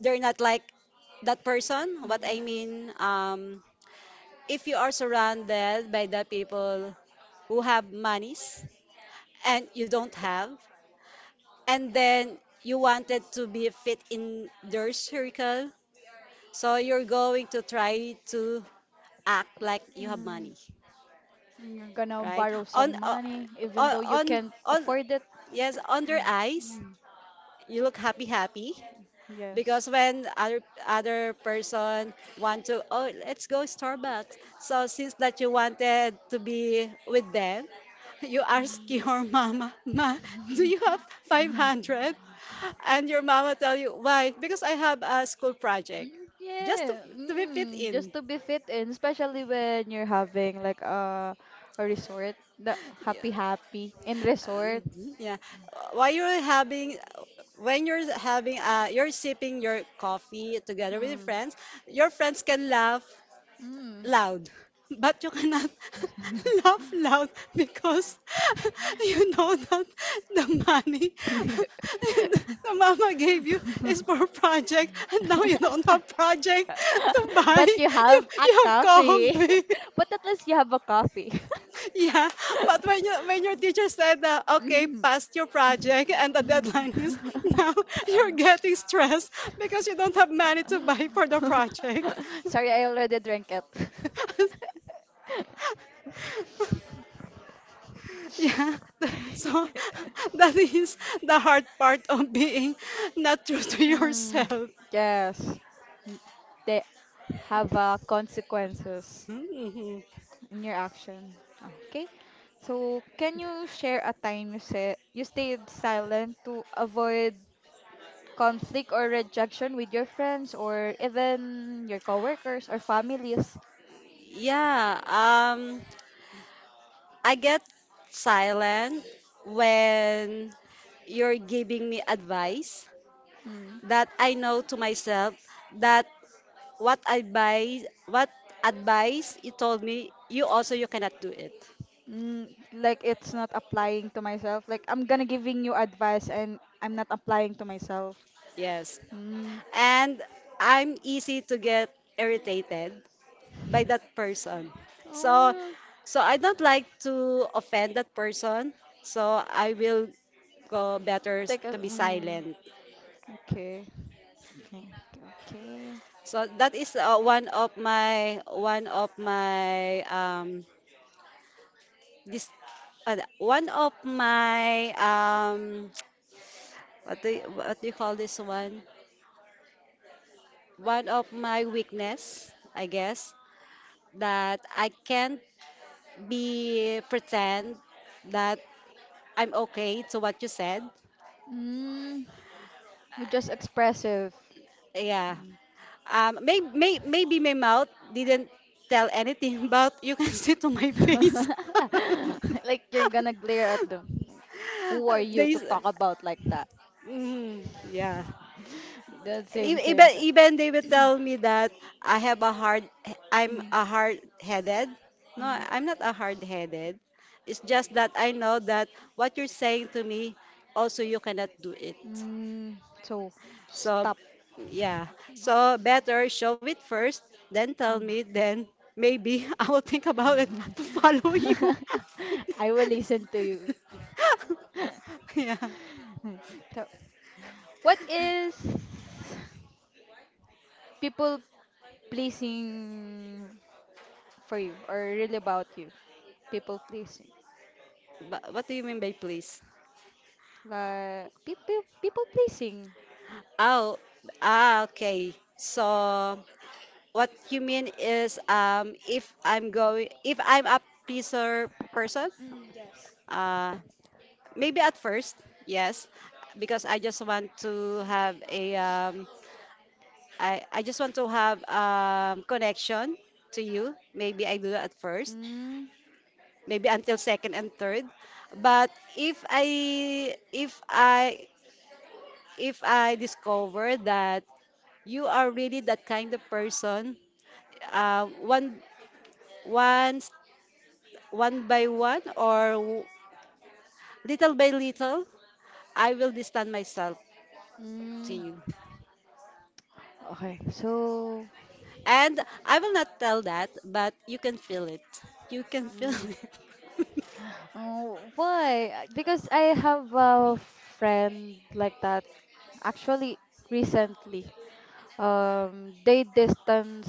[SPEAKER 2] they're not like that person. What
[SPEAKER 1] Mm,
[SPEAKER 2] I mean, if you are surrounded by the people who have monies and you don't have, and then you wanted to be fit in their circle, so you're going to try to act like you have
[SPEAKER 1] mm,
[SPEAKER 2] money,
[SPEAKER 1] and you're gonna
[SPEAKER 2] right?
[SPEAKER 1] borrow
[SPEAKER 2] On
[SPEAKER 1] some
[SPEAKER 2] uh,
[SPEAKER 1] money even though you can't
[SPEAKER 2] on
[SPEAKER 1] afford it.
[SPEAKER 2] yes, on their
[SPEAKER 1] Mm,
[SPEAKER 2] eyes,
[SPEAKER 1] mm,
[SPEAKER 2] you look happy happy, because
[SPEAKER 1] yes.
[SPEAKER 2] when other person want to, oh let's go Starbucks, so since that you wanted to be with them, you ask
[SPEAKER 1] Mm.
[SPEAKER 2] your mama ma do you have 500, and your mama tell you why, because I have a school project,
[SPEAKER 1] Mm,
[SPEAKER 2] just
[SPEAKER 1] yeah,
[SPEAKER 2] to be fit in,
[SPEAKER 1] just to be fit in, especially when you're having like a resort, the
[SPEAKER 2] yeah.
[SPEAKER 1] happy happy in
[SPEAKER 2] Um,
[SPEAKER 1] resort.
[SPEAKER 2] yeah while you're having, when you're having you're sipping your coffee together with your
[SPEAKER 1] Mm,
[SPEAKER 2] friends, your friends can laugh
[SPEAKER 1] mm.
[SPEAKER 2] loud. But you cannot laugh loud because you know that the money the mama gave you is for project and now you don't have project to buy.
[SPEAKER 1] But you
[SPEAKER 2] You,
[SPEAKER 1] have a
[SPEAKER 2] you have go
[SPEAKER 1] coffee.
[SPEAKER 2] home.
[SPEAKER 1] But at least you have a coffee.
[SPEAKER 2] Yeah, but when your teacher said that okay,
[SPEAKER 1] Mm.
[SPEAKER 2] passed your project and the deadline is now, you're getting stressed because you don't have money to buy for the project.
[SPEAKER 1] Sorry, I already drank it.
[SPEAKER 2] Yeah, so that is the hard part of being not true to
[SPEAKER 1] Mm,
[SPEAKER 2] yourself.
[SPEAKER 1] yes. N- They have consequences
[SPEAKER 2] Mhm.
[SPEAKER 1] in your action. Okay. So, can you share a time you said you stayed silent to avoid conflict or rejection with your friends or even your coworkers or families?
[SPEAKER 2] Yeah, I get silent when you're giving me advice
[SPEAKER 1] Mm.
[SPEAKER 2] that I know to myself that what advice you told me, you also you cannot do it.
[SPEAKER 1] Mm, like it's not applying to myself. Like I'm gonna giving you advice and I'm not applying to myself.
[SPEAKER 2] Yes,
[SPEAKER 1] Mm.
[SPEAKER 2] and I'm easy to get irritated by that person. So
[SPEAKER 1] Mm,
[SPEAKER 2] so I don't like to offend that person. So I will go better to be
[SPEAKER 1] mm.
[SPEAKER 2] silent.
[SPEAKER 1] Okay. Okay. Okay.
[SPEAKER 2] So that is one of my this uh, one of my um what do you call this one? One of my weakness, I guess, that I can't be pretend that I'm okay to what you said.
[SPEAKER 1] Mm, you're just expressive.
[SPEAKER 2] Yeah.
[SPEAKER 1] Mm.
[SPEAKER 2] Maybe my mouth didn't tell anything, but you can see to my face.
[SPEAKER 1] Like you're gonna glare at them. Who are you
[SPEAKER 2] they,
[SPEAKER 1] to talk about like that?
[SPEAKER 2] yeah.
[SPEAKER 1] That same
[SPEAKER 2] E- Even,
[SPEAKER 1] same time.
[SPEAKER 2] even they will tell me that I have a hard, I'm
[SPEAKER 1] Mm,
[SPEAKER 2] a hard-headed. No,
[SPEAKER 1] mm,
[SPEAKER 2] I'm not a hard-headed. It's just that I know that what you're saying to me, also you cannot do it.
[SPEAKER 1] mm. So
[SPEAKER 2] So,
[SPEAKER 1] stop.
[SPEAKER 2] yeah. So better show it first, then tell
[SPEAKER 1] Mm.
[SPEAKER 2] me, then maybe I will think about it to follow you.
[SPEAKER 1] I will listen to you.
[SPEAKER 2] Yeah.
[SPEAKER 1] So what is people pleasing for you or really about you? People pleasing.
[SPEAKER 2] But what do you mean by please?
[SPEAKER 1] Like people pleasing.
[SPEAKER 2] Oh, okay. So what you mean is if I'm a pleaser person,
[SPEAKER 1] Mm, yes.
[SPEAKER 2] uh maybe at first, yes, because I just want to have a I just want to have connection to you. Maybe I do that at first,
[SPEAKER 1] Mm,
[SPEAKER 2] maybe until second and third. But if I if I if I discover that you are really that kind of person, one once one by one or little by little, I will distance myself to
[SPEAKER 1] mm.
[SPEAKER 2] you.
[SPEAKER 1] Okay, so
[SPEAKER 2] And I will not tell that, but you can feel it. You can feel
[SPEAKER 1] mm,
[SPEAKER 2] it.
[SPEAKER 1] oh, why? Because I have a friend like that. Actually, recently, they distance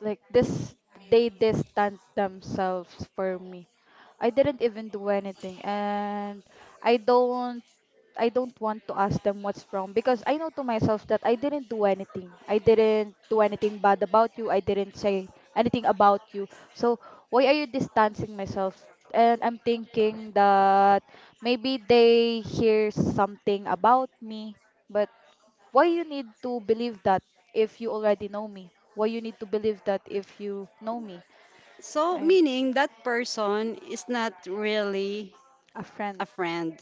[SPEAKER 1] like this. They distance themselves for me. I didn't even do anything, and I don't I don't want to ask them what's wrong because I know to myself that I didn't do anything. I didn't do anything bad about you. I didn't say anything about you. So why are you distancing myself? And I'm thinking that maybe they hear something about me, but why you need to believe that if you already know me? Why you need to believe that if you know me?
[SPEAKER 2] So,
[SPEAKER 1] I'm
[SPEAKER 2] meaning that person is not really
[SPEAKER 1] a
[SPEAKER 2] a
[SPEAKER 1] friend.
[SPEAKER 2] friend.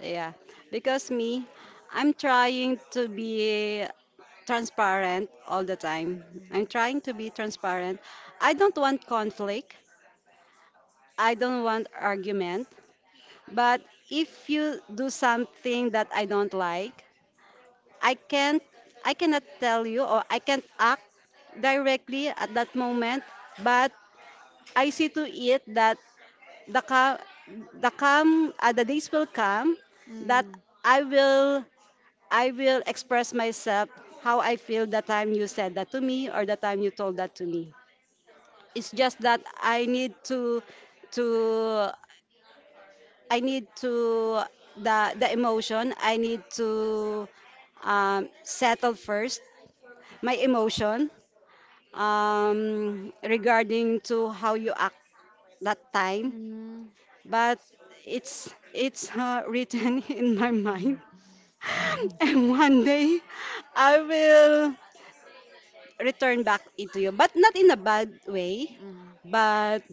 [SPEAKER 2] Yeah. Because me, I'm trying to be transparent all the time. I'm trying to be transparent. I don't want conflict. I don't want argument. But if you do something that I don't like, I can't I cannot tell you or I can't act directly at that moment, but I see to it that the come the days will come that
[SPEAKER 1] Mm.
[SPEAKER 2] I will I will express myself how I feel the time you said that to me or the time you told that to me. It's just that to I need to the the emotion I need to settle first my emotion regarding to how you act that time
[SPEAKER 1] Mm.
[SPEAKER 2] but it's written in my mind. And one day I will return back into you, but not in a bad way.
[SPEAKER 1] Mm.
[SPEAKER 2] But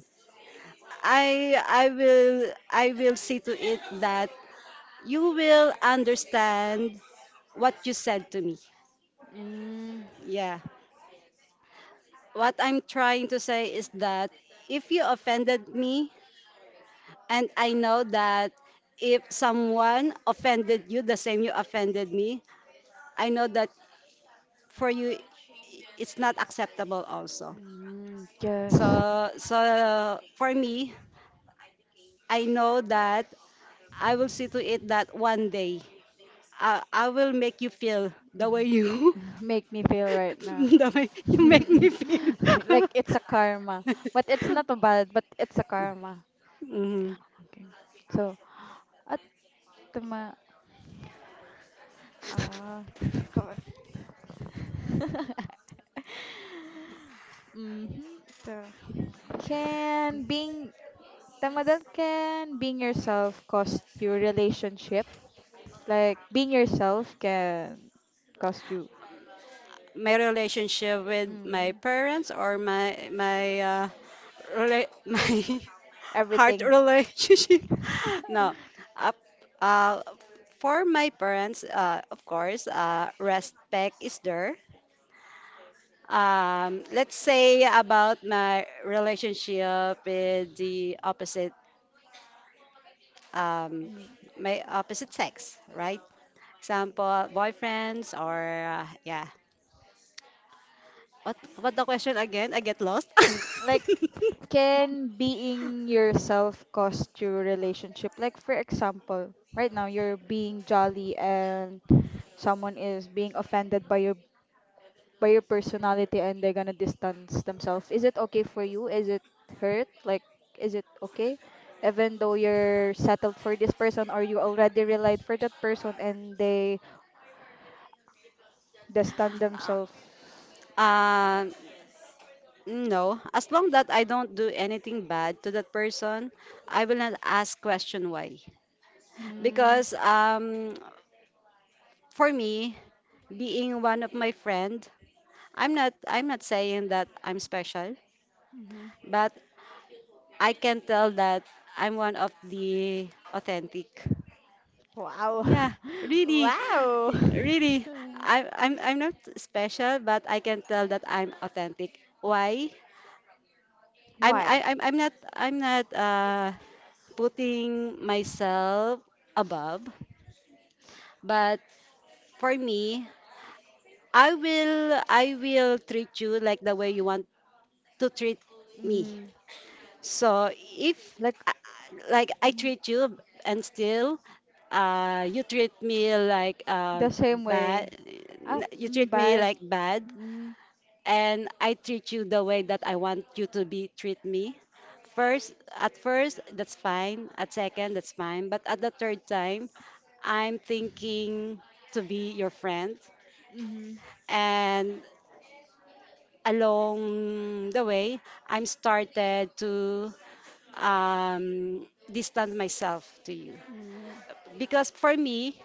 [SPEAKER 2] I will say to it that you will understand what you said to me.
[SPEAKER 1] Mm.
[SPEAKER 2] Yeah. What I'm trying to say is that if you offended me, and I know that if someone offended you the same you offended me, I know that for you it's not acceptable also.
[SPEAKER 1] Mm. Yes.
[SPEAKER 2] So for me, I know that I will see to it that one day I will make you feel the way you
[SPEAKER 1] Make me feel right now.
[SPEAKER 2] the way you make me feel.
[SPEAKER 1] Like it's a karma, but it's not a bad, but it's a karma.
[SPEAKER 2] Mhm.
[SPEAKER 1] Okay. So at the ma uh, mm-hmm. So can being tamadal can being yourself cost your relationship? Like being yourself can cost you
[SPEAKER 2] My relationship with my
[SPEAKER 1] mm,
[SPEAKER 2] parents or my heart
[SPEAKER 1] everything.
[SPEAKER 2] relationship. No, uh, uh, for my parents, of course, respect is there. Let's say about my relationship with um,
[SPEAKER 1] Mm.
[SPEAKER 2] my opposite sex, right? Example, boyfriends or yeah. What what the question again? I get lost.
[SPEAKER 1] Like can being yourself cost your relationship? Like for example, right now you're being jolly and someone is being offended by your personality and they're gonna distance themselves. Is it okay for you? Is it hurt? Like is it okay? Even though you're settled for this person or you already relied for that person and they distance themselves.
[SPEAKER 2] Um, No, as long that I don't do anything bad to that person, I will not ask question why.
[SPEAKER 1] Mm,
[SPEAKER 2] Because for me, being one of my friend, I'm not saying that I'm special,
[SPEAKER 1] mhm.
[SPEAKER 2] but I can tell that I'm one of the authentic.
[SPEAKER 1] Wow.
[SPEAKER 2] Yeah, really,
[SPEAKER 1] Wow.
[SPEAKER 2] really. I, I'm I'm not special, but I can tell that I'm authentic. Why? I'm I,
[SPEAKER 1] Why?
[SPEAKER 2] I'm not putting myself above. But for me, I will treat you like the way you want to treat me.
[SPEAKER 1] Mm.
[SPEAKER 2] So if
[SPEAKER 1] Like
[SPEAKER 2] uh, like I
[SPEAKER 1] mm,
[SPEAKER 2] treat you and still you treat me
[SPEAKER 1] the same way.
[SPEAKER 2] bad,
[SPEAKER 1] Ah,
[SPEAKER 2] you
[SPEAKER 1] mm,
[SPEAKER 2] treat me
[SPEAKER 1] bad.
[SPEAKER 2] like bad,
[SPEAKER 1] Mm,
[SPEAKER 2] and I treat you the way that I want you to be treat me. At first, that's fine. At second, that's fine. But at the third time, I'm thinking to be your friend.
[SPEAKER 1] mm-hmm,
[SPEAKER 2] And along the way, I'm started to distance myself to you.
[SPEAKER 1] mm,
[SPEAKER 2] Because for me,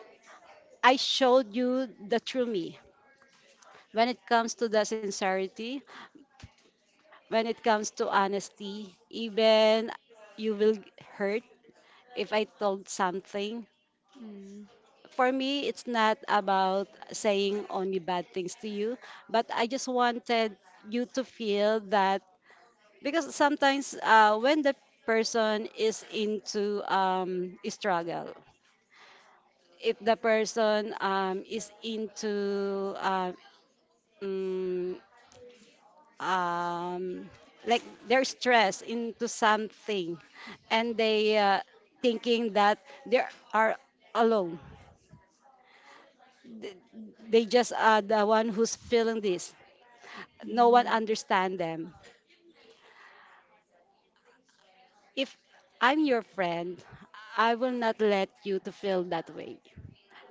[SPEAKER 2] I showed you the true me. When it comes to the sincerity, when it comes to honesty, even you will hurt if I told something.
[SPEAKER 1] mm,
[SPEAKER 2] For me, it's not about saying only bad things to you, but I just wanted you to feel that because sometimes when the person is into struggle, if the person is into mm, um, like their stress into something and they thinking that they are alone. Th- they just are the one who's feeling this, no one
[SPEAKER 1] mm,
[SPEAKER 2] understand them. If I'm your friend, I will not let you to feel that way,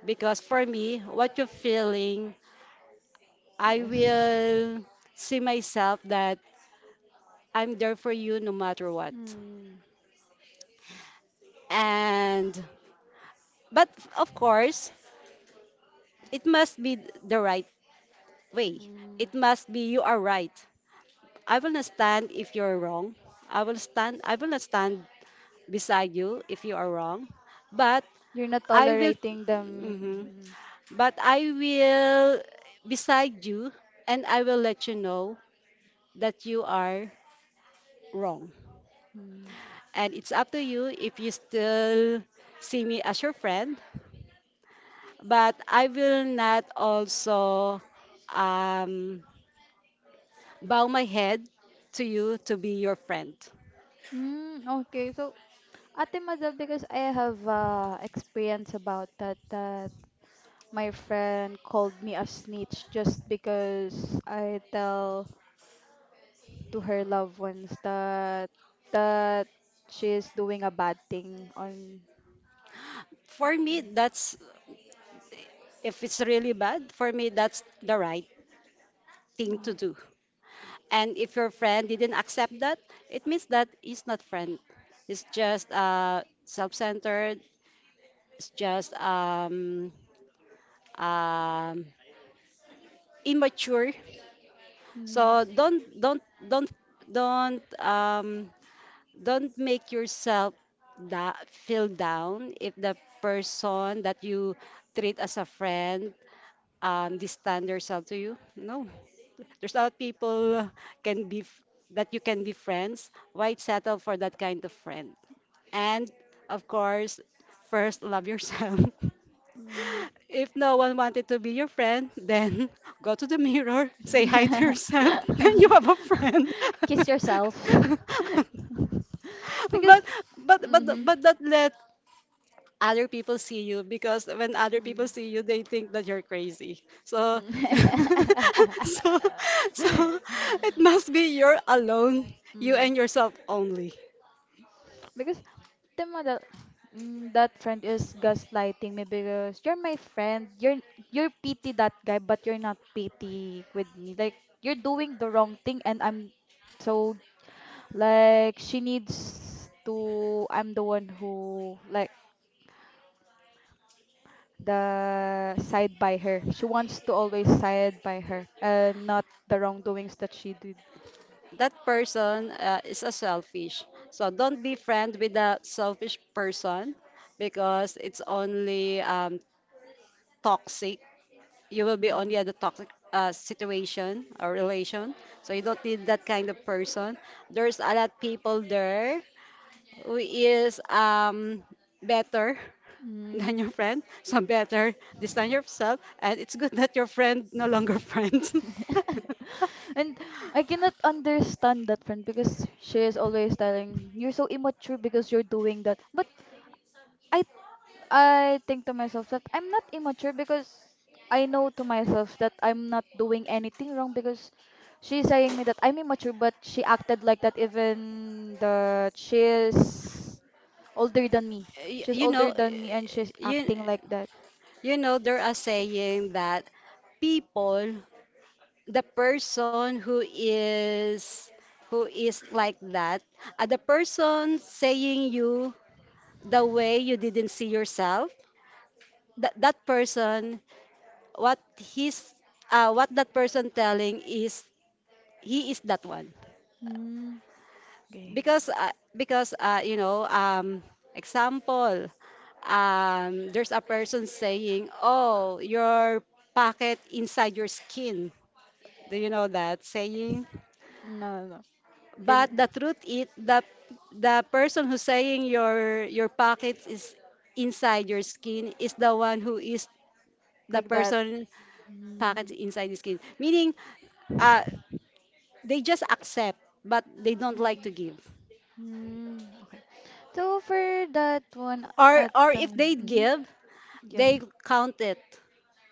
[SPEAKER 2] because for me what you're feeling, I
[SPEAKER 1] yes.
[SPEAKER 2] will see myself that I'm there for you no matter what.
[SPEAKER 1] Mm,
[SPEAKER 2] And but of course, it must be the right way.
[SPEAKER 1] mm.
[SPEAKER 2] It must be you are right. I will not stand if you're wrong. I will not stand beside you if you are wrong. But
[SPEAKER 1] You're not
[SPEAKER 2] I will
[SPEAKER 1] tolerating them.
[SPEAKER 2] mhm.
[SPEAKER 1] Mm,
[SPEAKER 2] But I will beside you and I will let you know that you are wrong.
[SPEAKER 1] mm.
[SPEAKER 2] And it's up to you if you still see me as your friend, but I will not also um bow my head to you to be your friend.
[SPEAKER 1] Mm, okay, so Ate Madel, because I have experience about that, that my friend called me a snitch just because I tell to her loved ones that she is doing a bad thing on
[SPEAKER 2] For me, that's, if it's really bad, for me, that's the right thing to
[SPEAKER 1] mm,
[SPEAKER 2] do. And if your friend didn't accept that, it means that he's not friend. It's just self-centered. It's just um, immature.
[SPEAKER 1] mm,
[SPEAKER 2] So don't don't um, don't make yourself feel down if the person that you treat as a friend distant yourself to you. No, there's a lot of people can be f- that you can be friends. Why settle for that kind of friend? And of course, first love yourself.
[SPEAKER 1] mm.
[SPEAKER 2] If no one wanted to be your friend, then go to the mirror, say hi to yourself, and you have a friend.
[SPEAKER 1] Kiss yourself. Because
[SPEAKER 2] but but but
[SPEAKER 1] mhm,
[SPEAKER 2] but that, let other people see you, because when other
[SPEAKER 1] mm,
[SPEAKER 2] people see you they think that you're crazy, so so
[SPEAKER 1] mm.
[SPEAKER 2] so it must be you're alone, you
[SPEAKER 1] Mm,
[SPEAKER 2] and yourself only.
[SPEAKER 1] because the model, that friend is gaslighting me because you're my friend, you're pity that guy but you're not pity with me. Like you're doing the wrong thing and I'm so like, she needs to, I'm the one who like the side by her. She wants to always side by her and not the wrongdoings that she did.
[SPEAKER 2] That person is a selfish, so don't be friend with a selfish person because it's only toxic. You will be
[SPEAKER 1] Mm.
[SPEAKER 2] only at the toxic situation or relation. So you don't need that kind of person. There's a lot people there who is better
[SPEAKER 1] Mm.
[SPEAKER 2] than your friend. So better this than yourself. And it's good that your friend no longer friends.
[SPEAKER 1] And I cannot understand that friend because she is always telling you're so immature because you're doing that. But I I think to myself that I'm not immature because I know to myself that I'm not doing anything wrong because she's saying me that I'm immature but she acted like that even that she is older than me.
[SPEAKER 2] you,
[SPEAKER 1] She's
[SPEAKER 2] you
[SPEAKER 1] older
[SPEAKER 2] know,
[SPEAKER 1] than me and she's
[SPEAKER 2] you
[SPEAKER 1] acting like that.
[SPEAKER 2] you know there are saying that people, the person who is like that, the person saying you the way you didn't see yourself, that that person, what he's what that person telling is he is that one.
[SPEAKER 1] Hmm. Okay.
[SPEAKER 2] Because you know example there's a person saying, oh, your pocket inside your skin, do you know that saying?
[SPEAKER 1] No, no. No.
[SPEAKER 2] But
[SPEAKER 1] Can
[SPEAKER 2] the truth is that the person who's saying your pockets is inside your skin is the one who is the
[SPEAKER 1] like that.
[SPEAKER 2] person
[SPEAKER 1] Hmm.
[SPEAKER 2] pockets inside the skin. Meaning uh, they just accept but they don't like
[SPEAKER 1] Mhm.
[SPEAKER 2] to give.
[SPEAKER 1] Mm, okay. So for that one
[SPEAKER 2] Or
[SPEAKER 1] at
[SPEAKER 2] or
[SPEAKER 1] the
[SPEAKER 2] if they
[SPEAKER 1] mm-hmm.
[SPEAKER 2] give,
[SPEAKER 1] Yeah.
[SPEAKER 2] they count it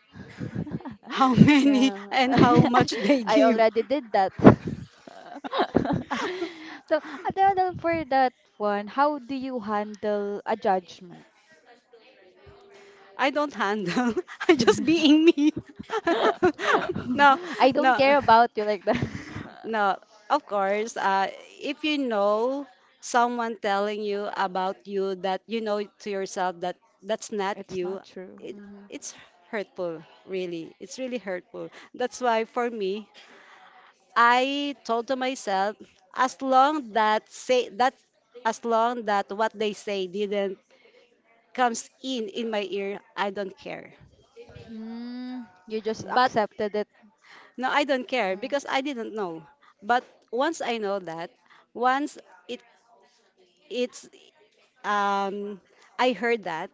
[SPEAKER 2] how many
[SPEAKER 1] Yeah.
[SPEAKER 2] and how much they
[SPEAKER 1] I
[SPEAKER 2] give.
[SPEAKER 1] already did that. So at the other for that one, how do you handle a judgment?
[SPEAKER 2] I don't handle. I just being me. no,
[SPEAKER 1] I don't
[SPEAKER 2] no.
[SPEAKER 1] care about you like that.
[SPEAKER 2] No, of course. If you know someone telling you about you that you know to yourself that that's not
[SPEAKER 1] It's
[SPEAKER 2] you,
[SPEAKER 1] not true.
[SPEAKER 2] it,
[SPEAKER 1] Mm-hmm.
[SPEAKER 2] it's hurtful, really. It's really hurtful. That's why for me, I told to myself, as long that say that, as long that what they say didn't comes in my ear, I don't care.
[SPEAKER 1] Mm, you just
[SPEAKER 2] But
[SPEAKER 1] accepted it.
[SPEAKER 2] no, I don't care
[SPEAKER 1] Mm,
[SPEAKER 2] because I didn't know. But once I know that, once it it's um I heard that,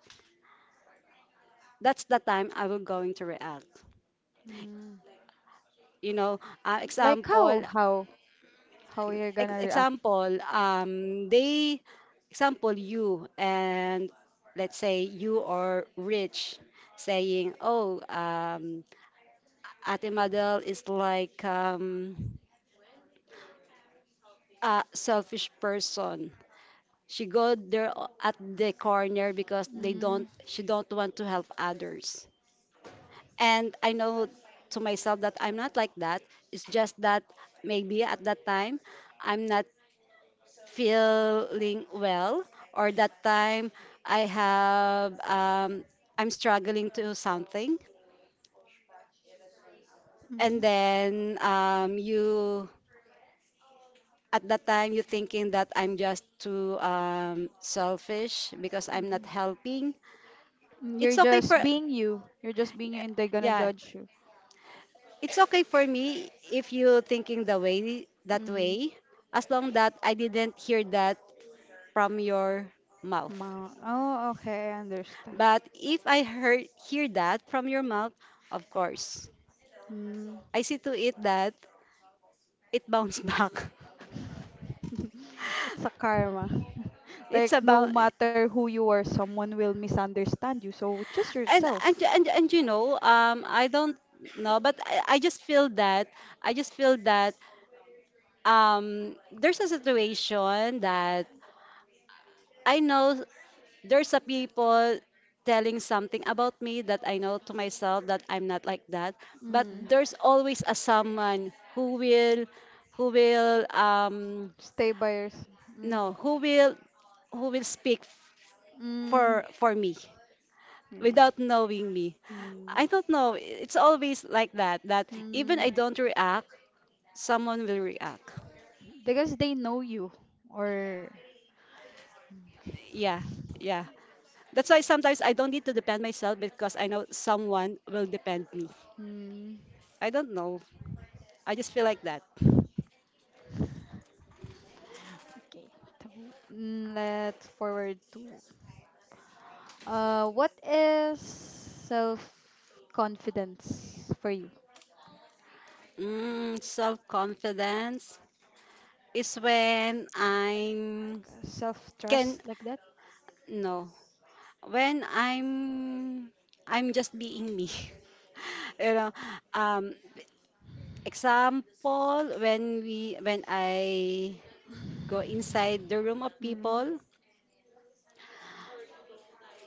[SPEAKER 2] that's the time I will going to react.
[SPEAKER 1] mm.
[SPEAKER 2] You know,
[SPEAKER 1] Like how?
[SPEAKER 2] example
[SPEAKER 1] How? How you're
[SPEAKER 2] ex-
[SPEAKER 1] gonna react?
[SPEAKER 2] example they example you and let's say you are rich saying, oh, Ate Madel is like a selfish person. She go there at the corner because they don't
[SPEAKER 1] Mm.
[SPEAKER 2] she don't want to help others. And I know to myself that I'm not like that. It's just that maybe at that time I'm not feeling well, or that time I have um, I'm struggling to something.
[SPEAKER 1] Mm-hmm.
[SPEAKER 2] And then you at that time you're thinking that I'm just too selfish because I'm not
[SPEAKER 1] Mm-hmm.
[SPEAKER 2] helping.
[SPEAKER 1] You're
[SPEAKER 2] It's okay for
[SPEAKER 1] just being you. You're just being you, and they're gonna
[SPEAKER 2] yeah.
[SPEAKER 1] judge you.
[SPEAKER 2] It's okay for me if you thinking the way that
[SPEAKER 1] Mm.
[SPEAKER 2] way, as long that I didn't hear that from your mouth.
[SPEAKER 1] Ma. Oh, okay, I understand.
[SPEAKER 2] But if I hear that from your mouth, of course,
[SPEAKER 1] Mm.
[SPEAKER 2] I see to it that it bounce back.
[SPEAKER 1] It's a karma.
[SPEAKER 2] It's
[SPEAKER 1] Like no
[SPEAKER 2] about
[SPEAKER 1] matter who you are, someone will misunderstand you. So choose yourself.
[SPEAKER 2] and you know, I don't know, but I just feel that I just feel that there's a situation that I know there's a people telling something about me that I know to myself that I'm not like that. But
[SPEAKER 1] Mm.
[SPEAKER 2] there's always a someone who will,
[SPEAKER 1] Stay by yourself. Mm.
[SPEAKER 2] no, who will
[SPEAKER 1] Mm.
[SPEAKER 2] for me
[SPEAKER 1] Mm.
[SPEAKER 2] without knowing me.
[SPEAKER 1] Mm.
[SPEAKER 2] I don't know. It's always like that. That even
[SPEAKER 1] Mm.
[SPEAKER 2] I don't react, someone will react.
[SPEAKER 1] Because they know you, or
[SPEAKER 2] Yeah, yeah. That's why sometimes I don't need to depend myself because I know someone will depend me.
[SPEAKER 1] mm.
[SPEAKER 2] I don't know. I just feel like that.
[SPEAKER 1] Okay. So let's forward to what is self confidence for you?
[SPEAKER 2] Self confidence is when I'm
[SPEAKER 1] Self
[SPEAKER 2] can
[SPEAKER 1] trust like that.
[SPEAKER 2] no when I'm just being me. you know, um, example when I go inside the room of
[SPEAKER 1] Mm.
[SPEAKER 2] people.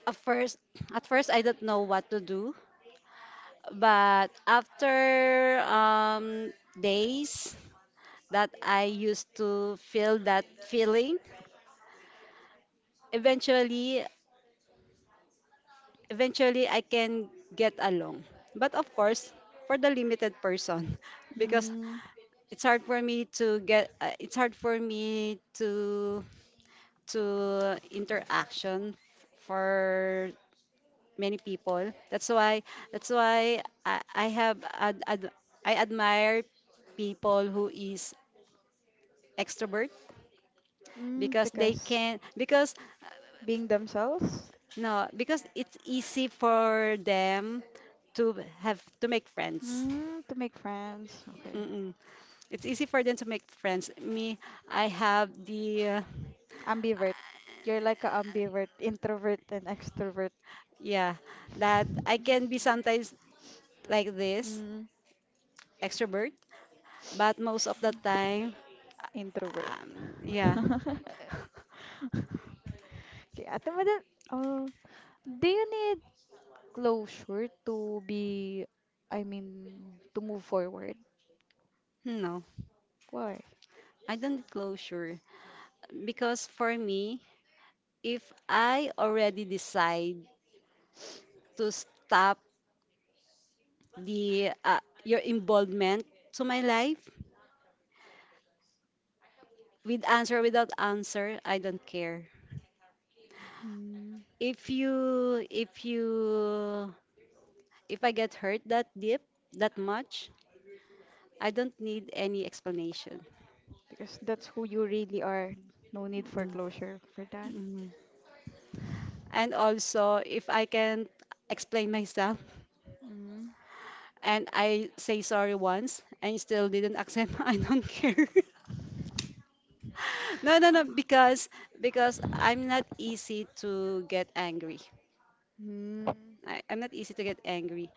[SPEAKER 2] At first, at first I don't know what to do, but after days that I used to feel that feeling. Eventually, eventually I can get along. But of course, for the limited person because
[SPEAKER 1] Mm.
[SPEAKER 2] it's hard for me to get it's hard for me to interaction for many people. That's why I have ad, ad, I admire people who is extrovert
[SPEAKER 1] Mm.
[SPEAKER 2] because they
[SPEAKER 1] Because
[SPEAKER 2] can because
[SPEAKER 1] being themselves.
[SPEAKER 2] no, because it's easy for them to have to make friends.
[SPEAKER 1] Mm. To make friends. Okay.
[SPEAKER 2] Mm-mm. It's easy for them to make friends. I have the
[SPEAKER 1] Ambivert. You're like a ambivert, introvert and extrovert.
[SPEAKER 2] yeah that I can be sometimes like this
[SPEAKER 1] Mm.
[SPEAKER 2] extrovert, but most of the time,
[SPEAKER 1] Introvert.
[SPEAKER 2] um, yeah,
[SPEAKER 1] Okay, Ate Madan, uh, do you need closure I mean, to move forward?
[SPEAKER 2] no,
[SPEAKER 1] Why?
[SPEAKER 2] I don't need closure because for me, if I already decide to stop the your involvement to my life, with answer without answer, I don't care.
[SPEAKER 1] Mm.
[SPEAKER 2] if you if you if I get hurt that deep, that much, I don't need any explanation.
[SPEAKER 1] Because that's who you really are. No need for
[SPEAKER 2] Mm,
[SPEAKER 1] closure for that.
[SPEAKER 2] mhm. And also if I can explain myself
[SPEAKER 1] Mm.
[SPEAKER 2] and I say sorry once and you still didn't accept, I don't care. No Because I'm not easy to get angry.
[SPEAKER 1] Mm.
[SPEAKER 2] I'm not easy to get angry.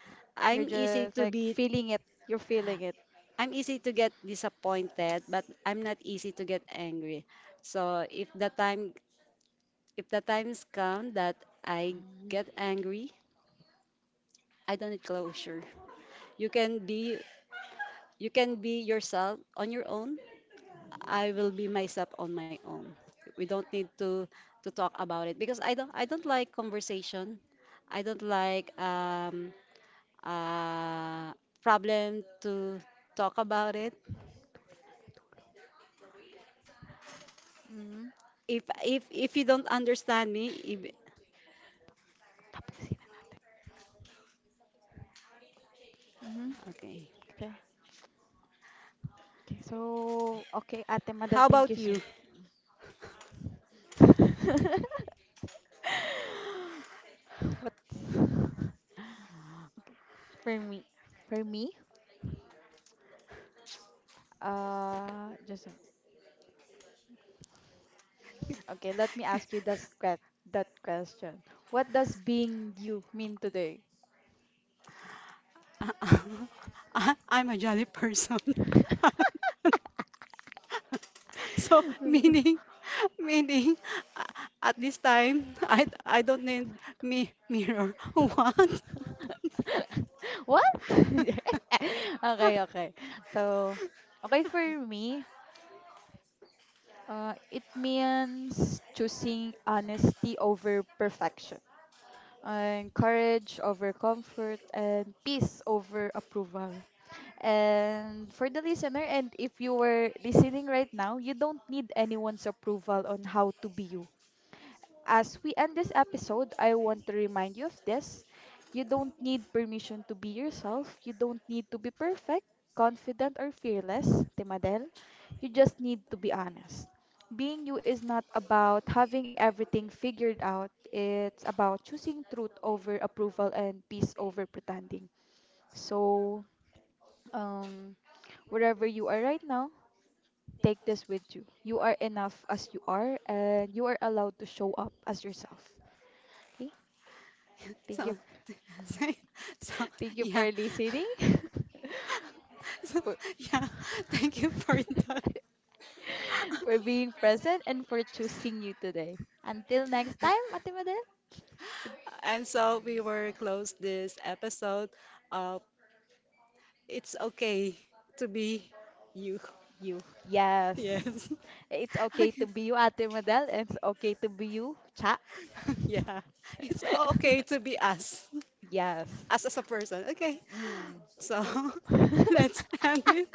[SPEAKER 1] You're
[SPEAKER 2] I'm easy
[SPEAKER 1] just
[SPEAKER 2] to
[SPEAKER 1] like
[SPEAKER 2] be.
[SPEAKER 1] feeling it. You're feeling it.
[SPEAKER 2] I'm easy to get disappointed, but I'm not easy to get angry. So if the times come that I
[SPEAKER 1] Mm.
[SPEAKER 2] get angry, I don't need closure. You can be you can be yourself on your own. I will be myself on my own. We don't need to talk about it because I don't like conversation. I don't like uh problem to talk about it.
[SPEAKER 1] Mm.
[SPEAKER 2] If you don't understand me, if
[SPEAKER 1] Tapusin na natin. Mm.
[SPEAKER 2] okay.
[SPEAKER 1] Okay. Okay, so, okay, Ate Madal,
[SPEAKER 2] How
[SPEAKER 1] thank you
[SPEAKER 2] about you?
[SPEAKER 1] what? Okay. For me. For me? Uh, just, a- okay, let me ask you that question. What does being you mean today?
[SPEAKER 2] I- I'm a jolly person. so meaning meaning uh, at this time
[SPEAKER 1] Ako na lang.
[SPEAKER 2] I don't need me mirror. What?
[SPEAKER 1] What? Okay, okay. So, okay for me, it means choosing honesty over perfection, and courage over comfort, and peace over approval. And for the listener, and if you were listening right now, you don't need anyone's approval on how to be you. As we end this episode, I want to remind you of this. You don't need permission to be yourself. You don't need to be perfect, confident, or fearless, Timadel. You just need to be honest. Being you is not about having everything figured out. It's about choosing truth over approval and peace over pretending. So, um, wherever you are right now, take this with you. You are enough as you are, and you are allowed to show up as yourself. Okay? Thank you
[SPEAKER 2] So so, so,
[SPEAKER 1] Thank you for
[SPEAKER 2] yeah.
[SPEAKER 1] listening,
[SPEAKER 2] So
[SPEAKER 1] for,
[SPEAKER 2] yeah. Thank you for that.
[SPEAKER 1] for being present, and for choosing you today. Until next time, Ate Madel, good
[SPEAKER 2] And so we were close this episode. Uh, It's okay to be you.
[SPEAKER 1] you. Yes.
[SPEAKER 2] Yes.
[SPEAKER 1] It's okay to
[SPEAKER 2] Okay.
[SPEAKER 1] be you, Ate Madel. And it's okay to be you, Cha.
[SPEAKER 2] Yeah. It's okay to be us,
[SPEAKER 1] Yes.
[SPEAKER 2] us as a person. Okay.
[SPEAKER 1] Mm.
[SPEAKER 2] So let's end it.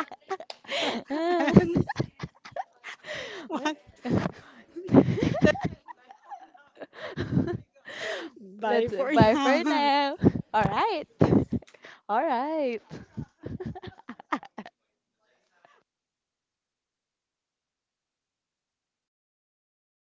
[SPEAKER 2] And
[SPEAKER 1] What?
[SPEAKER 2] what? Bye
[SPEAKER 1] Let's say
[SPEAKER 2] for
[SPEAKER 1] bye for
[SPEAKER 2] now.
[SPEAKER 1] now. All right. All right.